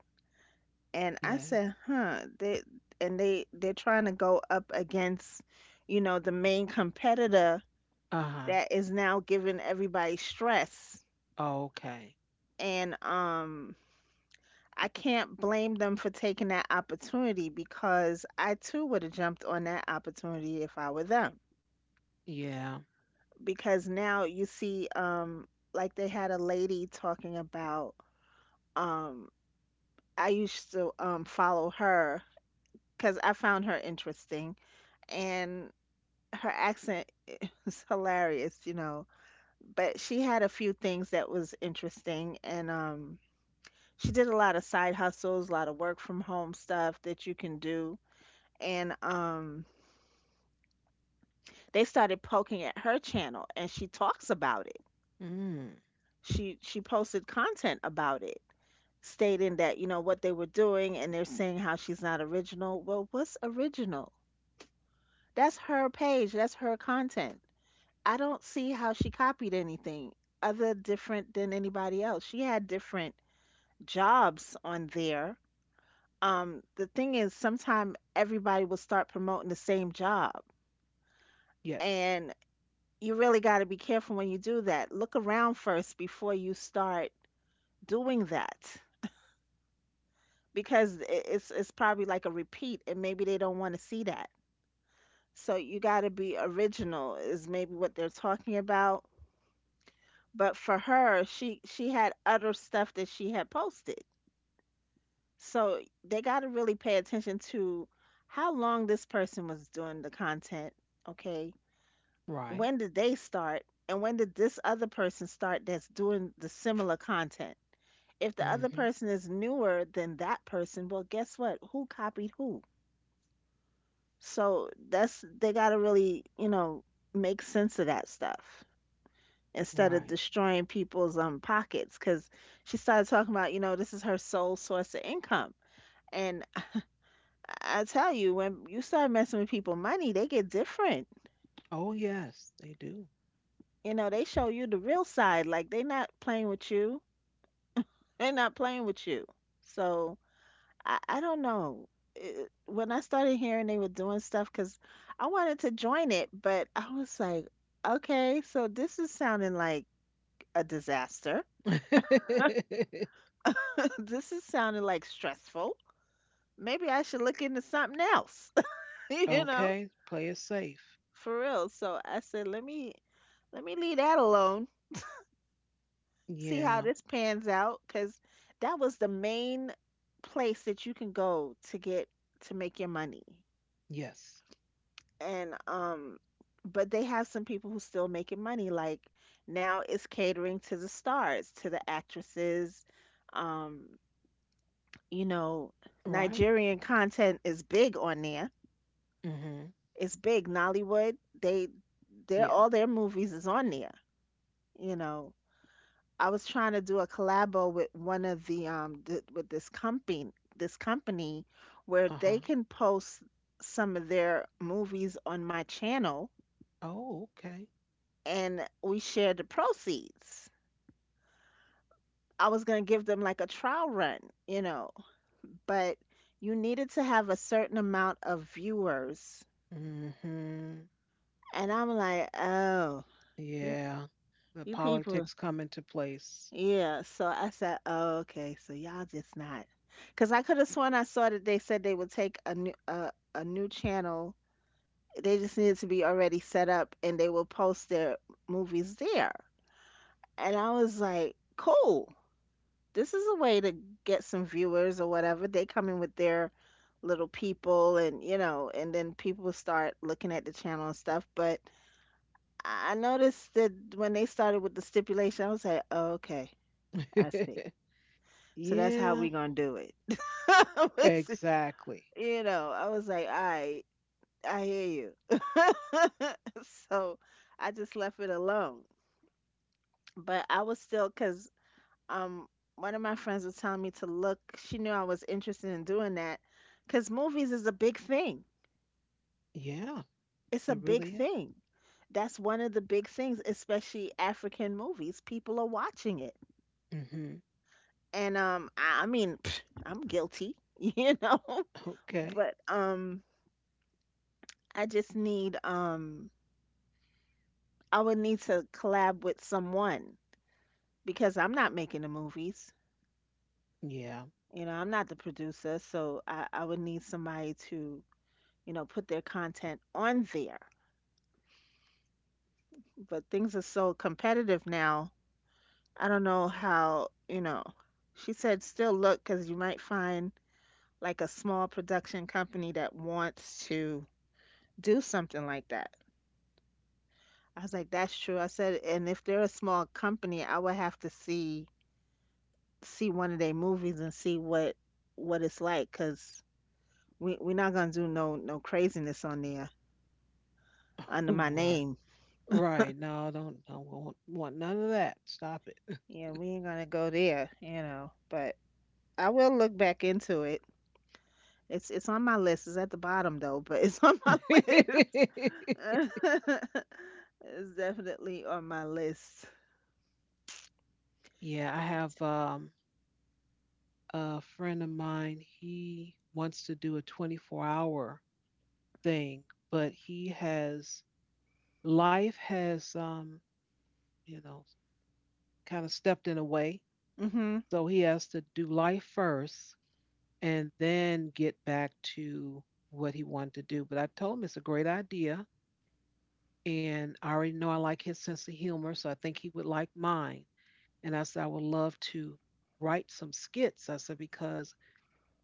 Speaker 2: And I
Speaker 1: Yeah.
Speaker 2: said, "Huh, they, and they're trying to go up against, you know, the main competitor
Speaker 1: Uh huh.
Speaker 2: that is now giving everybody stress.
Speaker 1: Okay.
Speaker 2: And I can't blame them for taking that opportunity because I too would have jumped on that opportunity if I were them.
Speaker 1: Yeah.
Speaker 2: Because now you see, like they had a lady talking about, um, I used to follow her because I found her interesting and her accent was hilarious, you know. But she had a few things that was interesting and she did a lot of side hustles, a lot of work from home stuff that you can do, and, they started poking at her channel, and she talks about it.
Speaker 1: Mm,
Speaker 2: She posted content about it, stating that, you know, what they were doing, and they're saying how she's not original. Well, what's original? That's her page, that's her content. I don't see how she copied anything other different than anybody else. She had different jobs on there. The thing is, sometime everybody will start promoting the same job,
Speaker 1: yes,
Speaker 2: and you really got to be careful when you do that. Look around first before you start doing that, because it's probably like a repeat, and maybe they don't want to see that. So you got to be original, is maybe what they're talking about. But for her, she had other stuff that she had posted, so they got to really pay attention to how long this person was doing the content. Okay,
Speaker 1: right.
Speaker 2: when did they start and when did this other person start that's doing the similar content? If the other
Speaker 1: Hmm.
Speaker 2: person is newer than that person, well guess what, who copied who? So that's, they got to really, make sense of that stuff instead of
Speaker 1: Right.
Speaker 2: destroying people's pockets. Because she started talking about, this is her sole source of income. And I tell you, when you start messing with people's money, they get different.
Speaker 1: Oh, yes, they do.
Speaker 2: You know, they show you the real side, like they not playing with you. They're not playing with you. So I don't know. It, when I started hearing they were doing stuff, because I wanted to join it, but I was like, okay, so this is sounding like a disaster. This is sounding like stressful. Maybe I should look into something else, you know,
Speaker 1: Okay, play it safe.
Speaker 2: for real. So I said, let me leave that alone. See how
Speaker 1: Yeah,
Speaker 2: this pans out, because that was the main place that you can go to get to make your money.
Speaker 1: yes,
Speaker 2: And but they have some people who's still making money, like now it's catering to the stars, to the actresses, um you know,
Speaker 1: right.
Speaker 2: Nigerian content is big on there.
Speaker 1: Hmm.
Speaker 2: It's big, Nollywood, they, they're
Speaker 1: Yeah,
Speaker 2: all their movies is on there, you know. I was trying to do a collabo with one of the with this company, this company, where they
Speaker 1: uh-huh.
Speaker 2: can post some of their movies on my channel,
Speaker 1: Oh, okay.
Speaker 2: and we shared the proceeds. I was going to give them like a trial run, you know, but you needed to have a certain amount of viewers.
Speaker 1: Hmm.
Speaker 2: And I'm like, oh, you,
Speaker 1: Yeah, the
Speaker 2: you people.
Speaker 1: politics come into place.
Speaker 2: Yeah. So I said, oh, okay. So y'all just not. Because I could have sworn I saw that they said they would take a new channel. They just needed to be already set up and they will post their movies there. And I was like, cool. This is a way to get some viewers or whatever. They come in with their little people and, you know, and then people start looking at the channel and stuff. But I noticed that when they started with the stipulation, I was like, oh, okay, I see. So that's how
Speaker 1: Yeah,
Speaker 2: we gonna do it. I was-
Speaker 1: exactly.
Speaker 2: you know, I was like, all right, I hear you. So I just left it alone. But I was still, because um one of my friends was telling me to look, she knew I was interested in doing that, because movies is a big thing.
Speaker 1: Yeah,
Speaker 2: It's a
Speaker 1: it
Speaker 2: big
Speaker 1: really is.
Speaker 2: thing. That's one of the big things, especially African movies, people are watching it.
Speaker 1: Hmm.
Speaker 2: And I mean pfft, I'm guilty you know.
Speaker 1: Okay.
Speaker 2: But I just need, I would need to collab with someone, because I'm not making the movies,
Speaker 1: Yeah,
Speaker 2: you know. I'm not the producer, so I would need somebody to, you know, put their content on there. But things are so competitive now. I don't know how, you know. She said still look, because you might find like a small production company that wants to do something like that. I was like, that's true. I said, and if they're a small company, I would have to see, see one of their movies and see what it's like, because we're not gonna do no craziness on there under my
Speaker 1: right.
Speaker 2: name.
Speaker 1: Right. No, don't want, none of that. Stop it.
Speaker 2: Yeah, we ain't gonna go there, you know. But I will look back into it. It's on my list. It's at the bottom though, but it's on my list. It's definitely on my list.
Speaker 1: Yeah, I have um, a friend of mine, he wants to do a 24-hour thing, but he has, life has you know, kind of stepped in a way.
Speaker 2: Mhm.
Speaker 1: So he has to do life first and then get back to what he wanted to do. But I told him it's a great idea, and I already know I like his sense of humor, so I think he would like mine. And I said, I would love to write some skits. I said, because,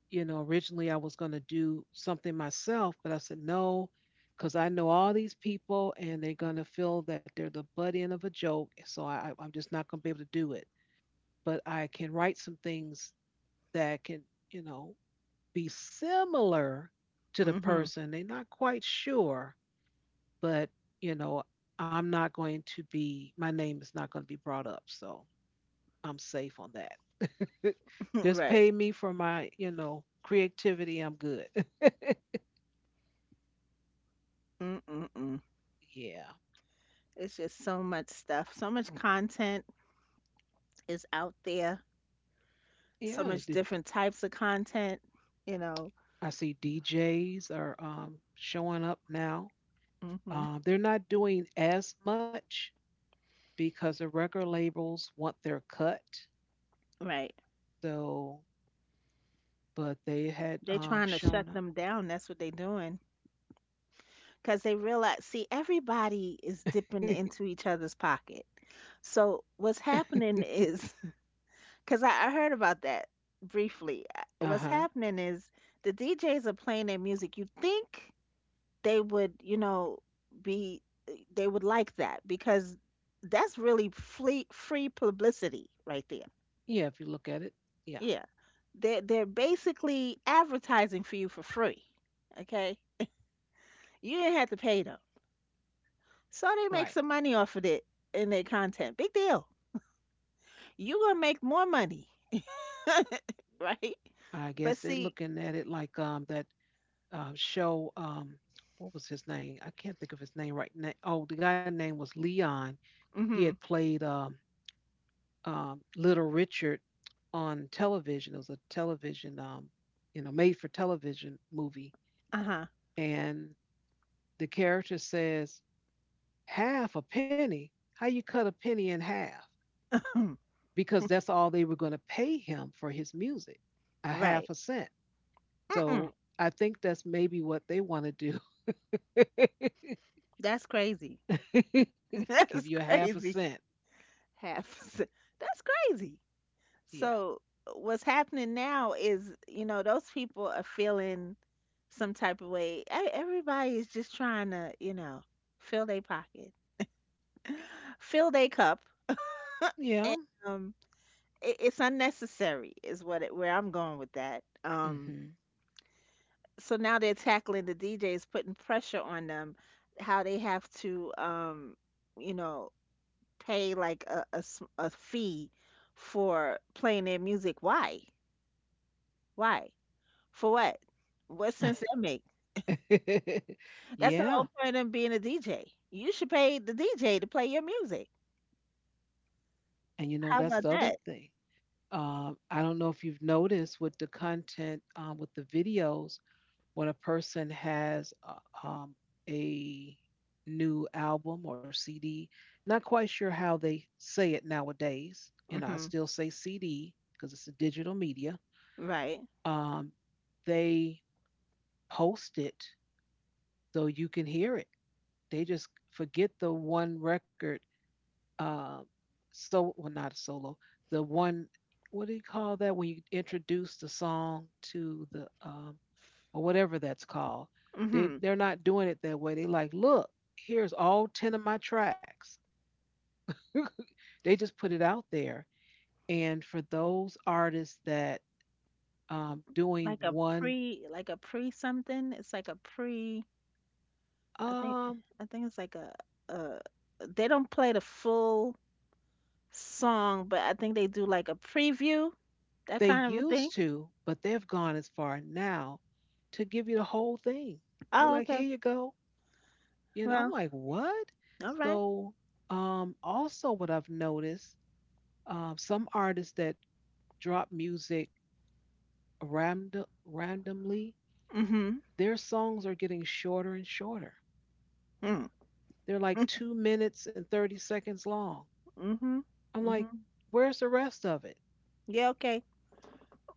Speaker 1: originally I was going to do something myself, but I said, no, because I know all these people and they're going to feel that they're the butt end of a joke. So I'm just not going to be able to do it. But I can write some things that can, you know, be similar to the
Speaker 2: Mhm.
Speaker 1: person. They're not quite sure, but, you know, I'm not going to be, my name is not going to be brought up. So I'm safe on that. Just
Speaker 2: Right.
Speaker 1: pay me for my, creativity. I'm good.
Speaker 2: Mm-mm-mm.
Speaker 1: Yeah.
Speaker 2: It's just so much stuff. So much content is out there. So
Speaker 1: Yeah.
Speaker 2: much different types of content, you know.
Speaker 1: I see DJs are showing up now.
Speaker 2: Mhm.
Speaker 1: They're not doing as much because the record labels want their cut.
Speaker 2: Right.
Speaker 1: So, but they had
Speaker 2: They're trying to shut
Speaker 1: shown up.
Speaker 2: them down. That's what they're doing. Because they realize, see, everybody is dipping into each other's pocket. So what's happening is, because I heard about that briefly.
Speaker 1: Uh
Speaker 2: What's
Speaker 1: huh.
Speaker 2: happening is the DJs are playing their music. You think they would, you know, be, eh, they would like that, because that's really free publicity right there.
Speaker 1: Yeah. If you look at it. Yeah.
Speaker 2: Yeah. They're basically advertising for you for free. Okay? You didn't have to pay them. So they
Speaker 1: Right.
Speaker 2: make some money off of it in their content. Big deal. You gonna make more money, right?
Speaker 1: I
Speaker 2: But
Speaker 1: guess they're
Speaker 2: see,
Speaker 1: looking at it like that show. What was his name? I can't think of his name right now. Oh, the guy name was Leon. He had
Speaker 2: hmm,
Speaker 1: played Little Richard on television. It was a television, made for television movie.
Speaker 2: uh-huh.
Speaker 1: And the character says, half a penny? How you cut a penny in half? Because that's all they were going to pay him for his music, a
Speaker 2: Right.
Speaker 1: half a cent.
Speaker 2: Mm-mm.
Speaker 1: So I think that's maybe what they want to do.
Speaker 2: That's crazy.
Speaker 1: Give you a
Speaker 2: That's
Speaker 1: half a
Speaker 2: crazy.
Speaker 1: cent.
Speaker 2: Half. That's crazy.
Speaker 1: Yeah.
Speaker 2: So what's happening now is, you know, those people are feeling some type of way. E- Everybody is just trying to, you know, fill their pocket, fill their cup.
Speaker 1: Yeah.
Speaker 2: Um, it, it's unnecessary, is what it, where I'm going with that.
Speaker 1: Hmm.
Speaker 2: So now they're tackling the DJs, putting pressure on them, how they have to, you know, pay like a, a fee for playing their music. Why? Why? For what? What sense that make? That's the
Speaker 1: Yeah.
Speaker 2: whole point of being a DJ. You should pay the DJ to play your music.
Speaker 1: And
Speaker 2: How
Speaker 1: that's the
Speaker 2: about
Speaker 1: other
Speaker 2: that?
Speaker 1: thing. I don't know if you've noticed with the content, with the videos, when a person has um, a new album or CD, not quite sure how they say it nowadays. You know, I
Speaker 2: Hmm.
Speaker 1: still say CD because it's a digital media.
Speaker 2: Right.
Speaker 1: Um, they post it so you can hear it. They just forget the one record, um, so, well, not a solo, the one, what do you call that when you introduce the song to the, um, or whatever that's called. they
Speaker 2: Hmm.
Speaker 1: they're not doing it that way. They like, look, here's all 10 of my tracks. They just put it out there. And for those artists that, um, doing one,
Speaker 2: Like a pre something. It's like a pre. I think,
Speaker 1: um,
Speaker 2: I think it's like a, they don't play the full song, but I think they do like a preview, that
Speaker 1: they
Speaker 2: kind of a
Speaker 1: used
Speaker 2: thing.
Speaker 1: to, but they've gone as far now to give you the whole thing. They're
Speaker 2: Oh,
Speaker 1: like, here
Speaker 2: okay.
Speaker 1: you go. And I'm
Speaker 2: Well,
Speaker 1: like, what?
Speaker 2: all right.
Speaker 1: So, also, what I've noticed, some artists that drop music randomly,
Speaker 2: Right. Mhm.
Speaker 1: their songs are getting shorter and shorter.
Speaker 2: Hmm.
Speaker 1: They're like two minutes and 30 seconds long.
Speaker 2: Mhm.
Speaker 1: I'm like,
Speaker 2: Mhm.
Speaker 1: where's the rest of it?
Speaker 2: Yeah, okay.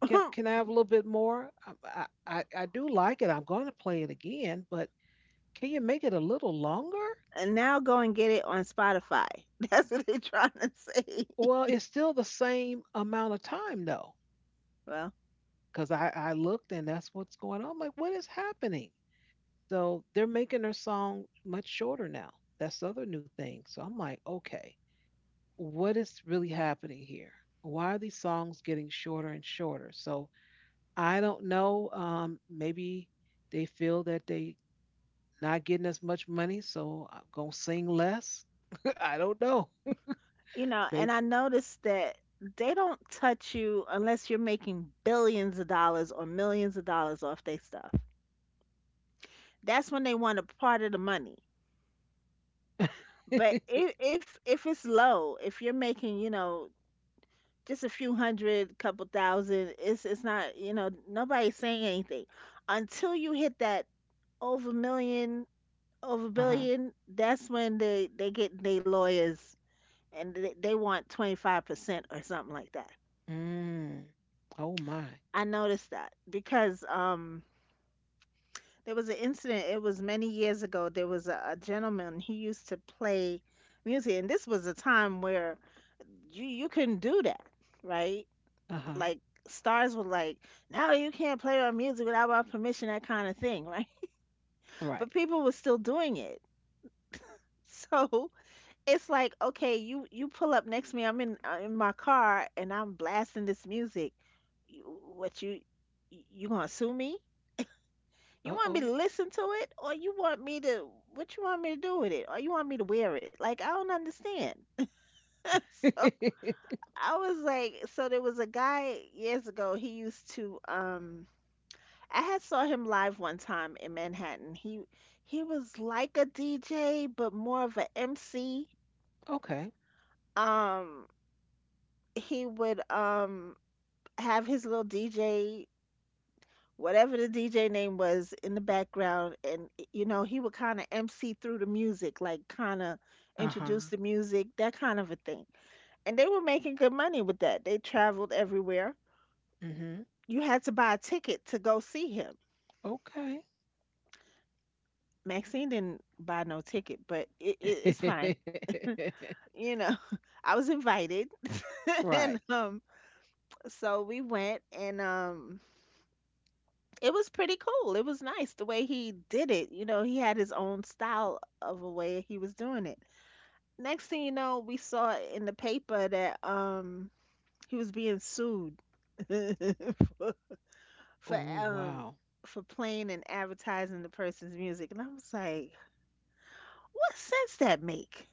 Speaker 1: Can I have a little bit more? I do like it. I'm going to play it again, but can you make it a little longer?
Speaker 2: And now go and get it on Spotify. That's what they're trying to say.
Speaker 1: Well, it's still the same amount of time, though.
Speaker 2: Well,
Speaker 1: Because I looked and that's what's going on. I'm like, what is happening? So they're making their song much shorter now. That's the other new thing. So I'm like, okay, what is really happening here? Why are these songs getting shorter and shorter? So I don't know. Maybe they feel that they not getting as much money, so I'm gonna sing less. I don't know,
Speaker 2: you know,
Speaker 1: babe.
Speaker 2: and I noticed that they don't touch you unless you're making billions of dollars or millions of dollars off their stuff. That's when they want a part of the money.
Speaker 1: Uh
Speaker 2: But if it's low, if you're making, you know, just a few hundred, couple thousand, it's not, you know, nobody's saying anything until you hit that over million, over a
Speaker 1: huh.
Speaker 2: billion, that's when they get they lawyers and they want 25% or something like that.
Speaker 1: Mm. Oh my.
Speaker 2: I noticed that because there was an incident, it was many years ago, there was a gentleman, he used to play music, and this was a time where you couldn't do that, right?
Speaker 1: Uh huh.
Speaker 2: Like stars were like, "No, you can't play our music without our permission," that kind of thing, right?
Speaker 1: Right.
Speaker 2: But people were still doing it. So it's like, okay, you pull up next to me, I'm in my car and I'm blasting this music, you, what you gonna sue me? You
Speaker 1: Uh
Speaker 2: want me
Speaker 1: oh.
Speaker 2: to listen to it or you want me to, what you want me to do with it? Or you want me to wear it? Like, I don't understand. So I was like, so there was a guy years ago, he used to I had saw him live one time in Manhattan. He was like a dj but more of a mc,
Speaker 1: Okay.
Speaker 2: um he would have his little DJ, whatever the DJ name was, in the background, and you know he would kind of MC through the music, like kind of
Speaker 1: Uh-huh.
Speaker 2: introduce the music, that kind of a thing. And they were making good money with that. They traveled everywhere.
Speaker 1: Mm-hmm.
Speaker 2: You had to buy a ticket to go see him. Maxine didn't buy no ticket, but it, it's fine.
Speaker 1: Okay.
Speaker 2: You know, I was invited,
Speaker 1: Right.
Speaker 2: and so we went, and it was pretty cool. It was nice the way he did it. You know, he had his own style of a way he was doing it. Next thing you know, we saw in the paper that he was being sued for
Speaker 1: Oh,
Speaker 2: um
Speaker 1: wow.
Speaker 2: for playing and advertising the person's music. And I was like, what sense that make?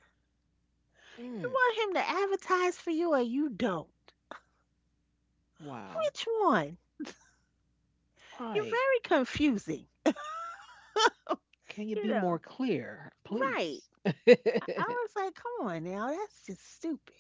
Speaker 1: Mm,
Speaker 2: You want him to advertise for you or you don't?
Speaker 1: wow.
Speaker 2: Which one? You're
Speaker 1: Right.
Speaker 2: very confusing.
Speaker 1: Can you
Speaker 2: You
Speaker 1: be more
Speaker 2: know,
Speaker 1: clear,
Speaker 2: right.
Speaker 1: please?
Speaker 2: I was like, come on now, that's just stupid.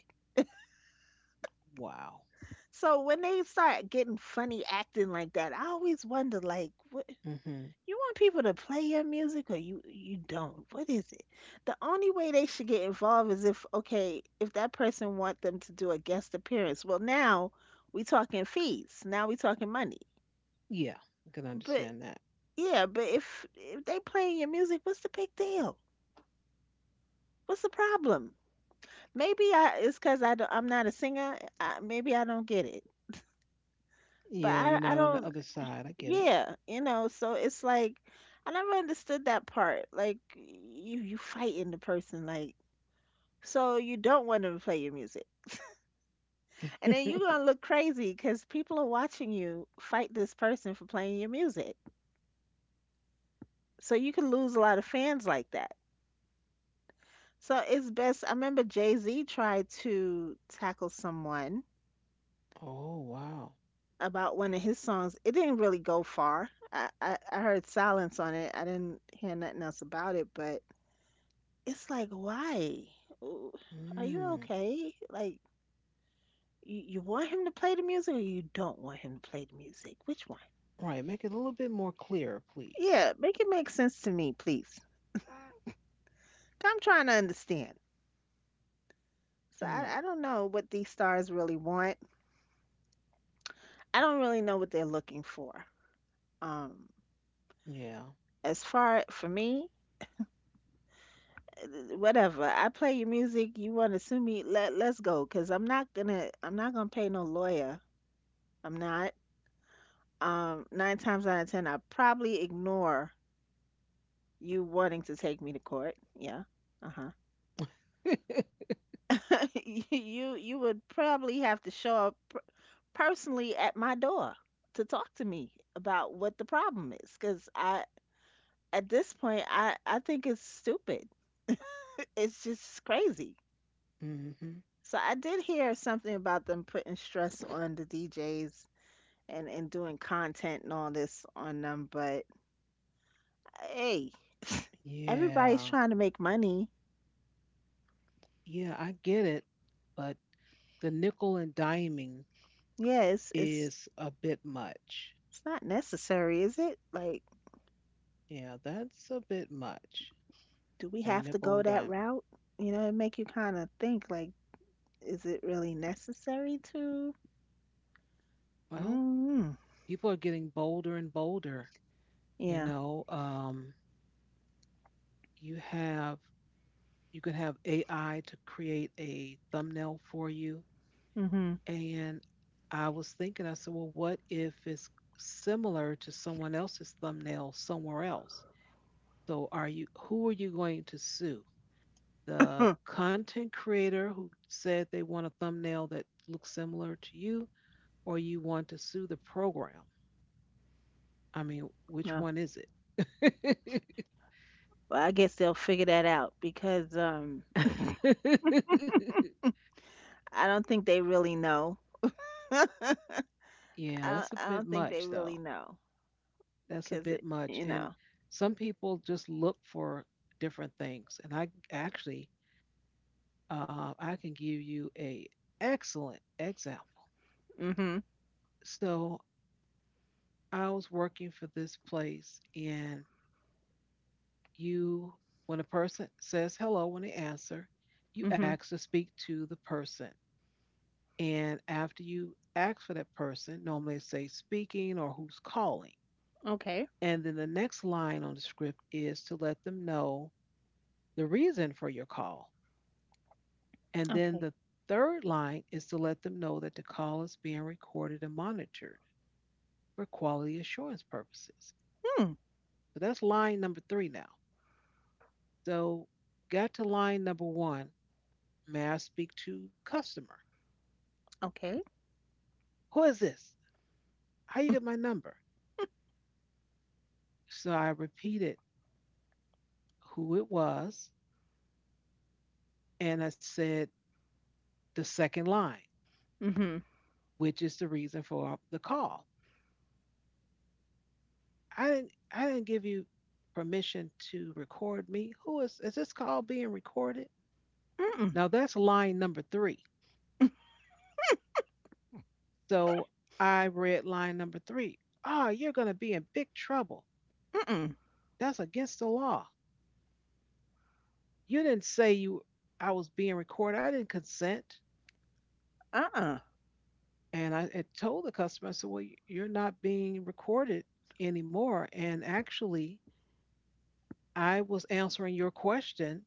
Speaker 1: Wow.
Speaker 2: So when they start getting funny acting like that, I always wonder like what,
Speaker 1: Mm-hmm.
Speaker 2: you want people to play your music or you don't? What is it? The only way they should get involved is if, okay, if that person want them to do a guest appearance. Well, now we talking fees. Now we talking money.
Speaker 1: Yeah, I can
Speaker 2: But
Speaker 1: understand that.
Speaker 2: yeah, but if they playing your music, what's the big deal? What's the problem? Maybe I, it's cuz I don't, I'm not a singer. I, maybe I don't get it. But
Speaker 1: Yeah,
Speaker 2: I
Speaker 1: you're
Speaker 2: I
Speaker 1: not on the
Speaker 2: don't.
Speaker 1: other side. I get
Speaker 2: Yeah, you know, so it's like, I never understood that part. Like you fighting the person, like, so you don't want them to play your music. And then you're
Speaker 1: it.
Speaker 2: gonna look crazy because people are watching you fight this person for playing your music. So you can lose a lot of fans like that. So it's best. I remember Jay Z tried to tackle someone
Speaker 1: Oh, wow.
Speaker 2: about one of his songs. It didn't really go far. I heard silence on it. I didn't hear nothing else about it, but it's like, why? Ooh, are you
Speaker 1: Mm.
Speaker 2: okay? Like, you want him to play the music or you don't want him to play the music? Which one?
Speaker 1: Right. Make it a little bit more clear, please.
Speaker 2: Yeah, make it make sense to me, please. I'm trying to understand. So
Speaker 1: Mm.
Speaker 2: I don't know what these stars really want. I don't really know what they're looking for. Um,
Speaker 1: Yeah.
Speaker 2: as far for me, whatever. I play your music. You want to sue me? Let, let's go. Cause I'm not gonna, I'm not gonna pay no lawyer. I'm not. Nine times out of ten, I probably ignore you wanting to take me to court. Yeah. Uh-huh. You would probably have to show up personally at my door to talk to me about what the problem is, cause I, at this point I think it's stupid. It's just crazy.
Speaker 1: Hmm.
Speaker 2: So I did hear something about them putting stress on the DJs and doing content and all this on them, but hey, everybody's
Speaker 1: Yeah.
Speaker 2: trying to make money.
Speaker 1: Yeah, I get it. But the nickel and diming
Speaker 2: Yeah, it's
Speaker 1: is a bit much.
Speaker 2: it's not necessary, is it? Like,
Speaker 1: Yeah, that's a bit much.
Speaker 2: do we
Speaker 1: And
Speaker 2: have to
Speaker 1: nickel
Speaker 2: go
Speaker 1: and
Speaker 2: that
Speaker 1: diming.
Speaker 2: route? You know, it make you kind of think like, is it really necessary to?
Speaker 1: Well,
Speaker 2: Mm-hmm.
Speaker 1: people are getting bolder and bolder. You
Speaker 2: Yeah.
Speaker 1: know, you have you can have AI to create a thumbnail for you.
Speaker 2: Mm-hmm.
Speaker 1: And I was thinking, I said, well, what if it's similar to someone else's thumbnail somewhere else? So, are you, who are you going to sue? The
Speaker 2: Huh.
Speaker 1: content creator who said they want a thumbnail that looks similar to you, or you want to sue the program? I mean,
Speaker 2: Well,
Speaker 1: which one is it?
Speaker 2: well, I guess they'll figure that out because I don't think they really know.
Speaker 1: Yeah, that's a
Speaker 2: I
Speaker 1: bit
Speaker 2: don't think they
Speaker 1: much, though.
Speaker 2: really know
Speaker 1: That's a
Speaker 2: because
Speaker 1: bit
Speaker 2: it,
Speaker 1: much.
Speaker 2: you
Speaker 1: And
Speaker 2: know.
Speaker 1: some people just look for different things. And I actually, I can give you a excellent example.
Speaker 2: Mm-hmm.
Speaker 1: So I was working for this place, and, you, when a person says hello when they answer, you
Speaker 2: Mm-hmm.
Speaker 1: ask to speak to the person. And after you ask for that person, normally it say speaking or who's calling.
Speaker 2: Okay.
Speaker 1: And then the next line on the script is to let them know the reason for your call. And then
Speaker 2: Okay.
Speaker 1: the third line is to let them know that the call is being recorded and monitored for quality assurance purposes.
Speaker 2: Hmm.
Speaker 1: So that's line number three now. So got to line number one. May I speak to customer?
Speaker 2: Okay.
Speaker 1: Who is this? How you get my number? So I repeated who it was and I said the second line,
Speaker 2: Mm-hmm.
Speaker 1: which is the reason for the call. I didn't give you permission to record me. Who is, this call being recorded?
Speaker 2: Mm-mm.
Speaker 1: Now that's line number three. So I read line number three. Ah, you're gonna be in big trouble.
Speaker 2: Mm-mm.
Speaker 1: That's against the law. You didn't say you, I was being recorded. I didn't consent.
Speaker 2: Uh-uh.
Speaker 1: And I had told the customer, I said, well, you're not being recorded anymore. And actually, I was answering your question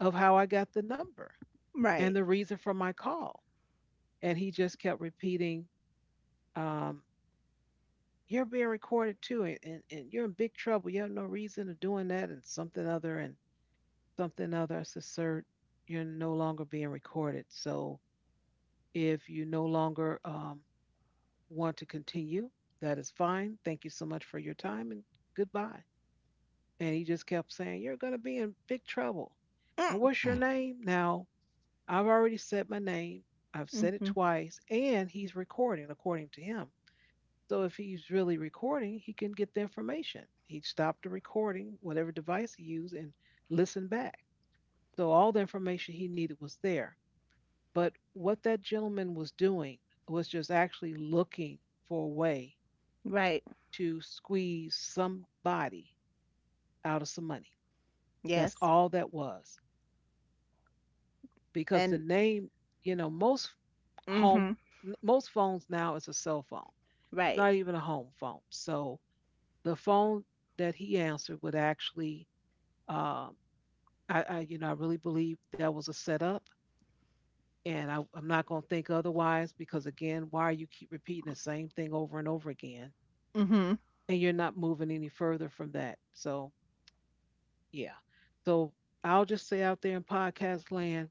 Speaker 1: of how I got the number and
Speaker 2: Right.
Speaker 1: the reason for my call. And he just kept repeating, um, you're being recorded too, and you're in big trouble. You have no reason of doing that, and something other, and something other. I said, sir, you're no longer being recorded. So if you no longer want to continue, that is fine. Thank you so much for your time and goodbye. And he just kept saying, you're going to be in big trouble. And
Speaker 2: Mm.
Speaker 1: what's your name? Now, I've already said my name, I've said it
Speaker 2: Mm-hmm.
Speaker 1: twice, and he's recording according to him. So if he's really recording, he can get the information. He'd stop the recording, whatever device he used, and listen back. So all the information he needed was there. But what that gentleman was doing was just actually looking for a way
Speaker 2: Right.
Speaker 1: to squeeze somebody out of some money. That's
Speaker 2: Yes.
Speaker 1: all that was. Because the
Speaker 2: And
Speaker 1: name, you know, most
Speaker 2: mm-hmm.
Speaker 1: home, most phones now is a cell phone,
Speaker 2: Right.
Speaker 1: not even a home phone. So the phone that he answered would actually, um, you know, I really believe that was a setup. And I'm not going to think otherwise because, again, why you keep repeating the same thing over and over again?
Speaker 2: Mm-hmm.
Speaker 1: And you're not moving any further from that. So yeah. So I'll just say out there in podcast land,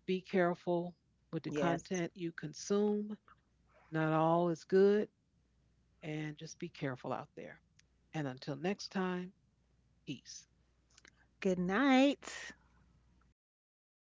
Speaker 1: be careful with the
Speaker 2: Yes.
Speaker 1: content you consume. Not all is good, and just be careful out there. And until next time, peace.
Speaker 2: Good night.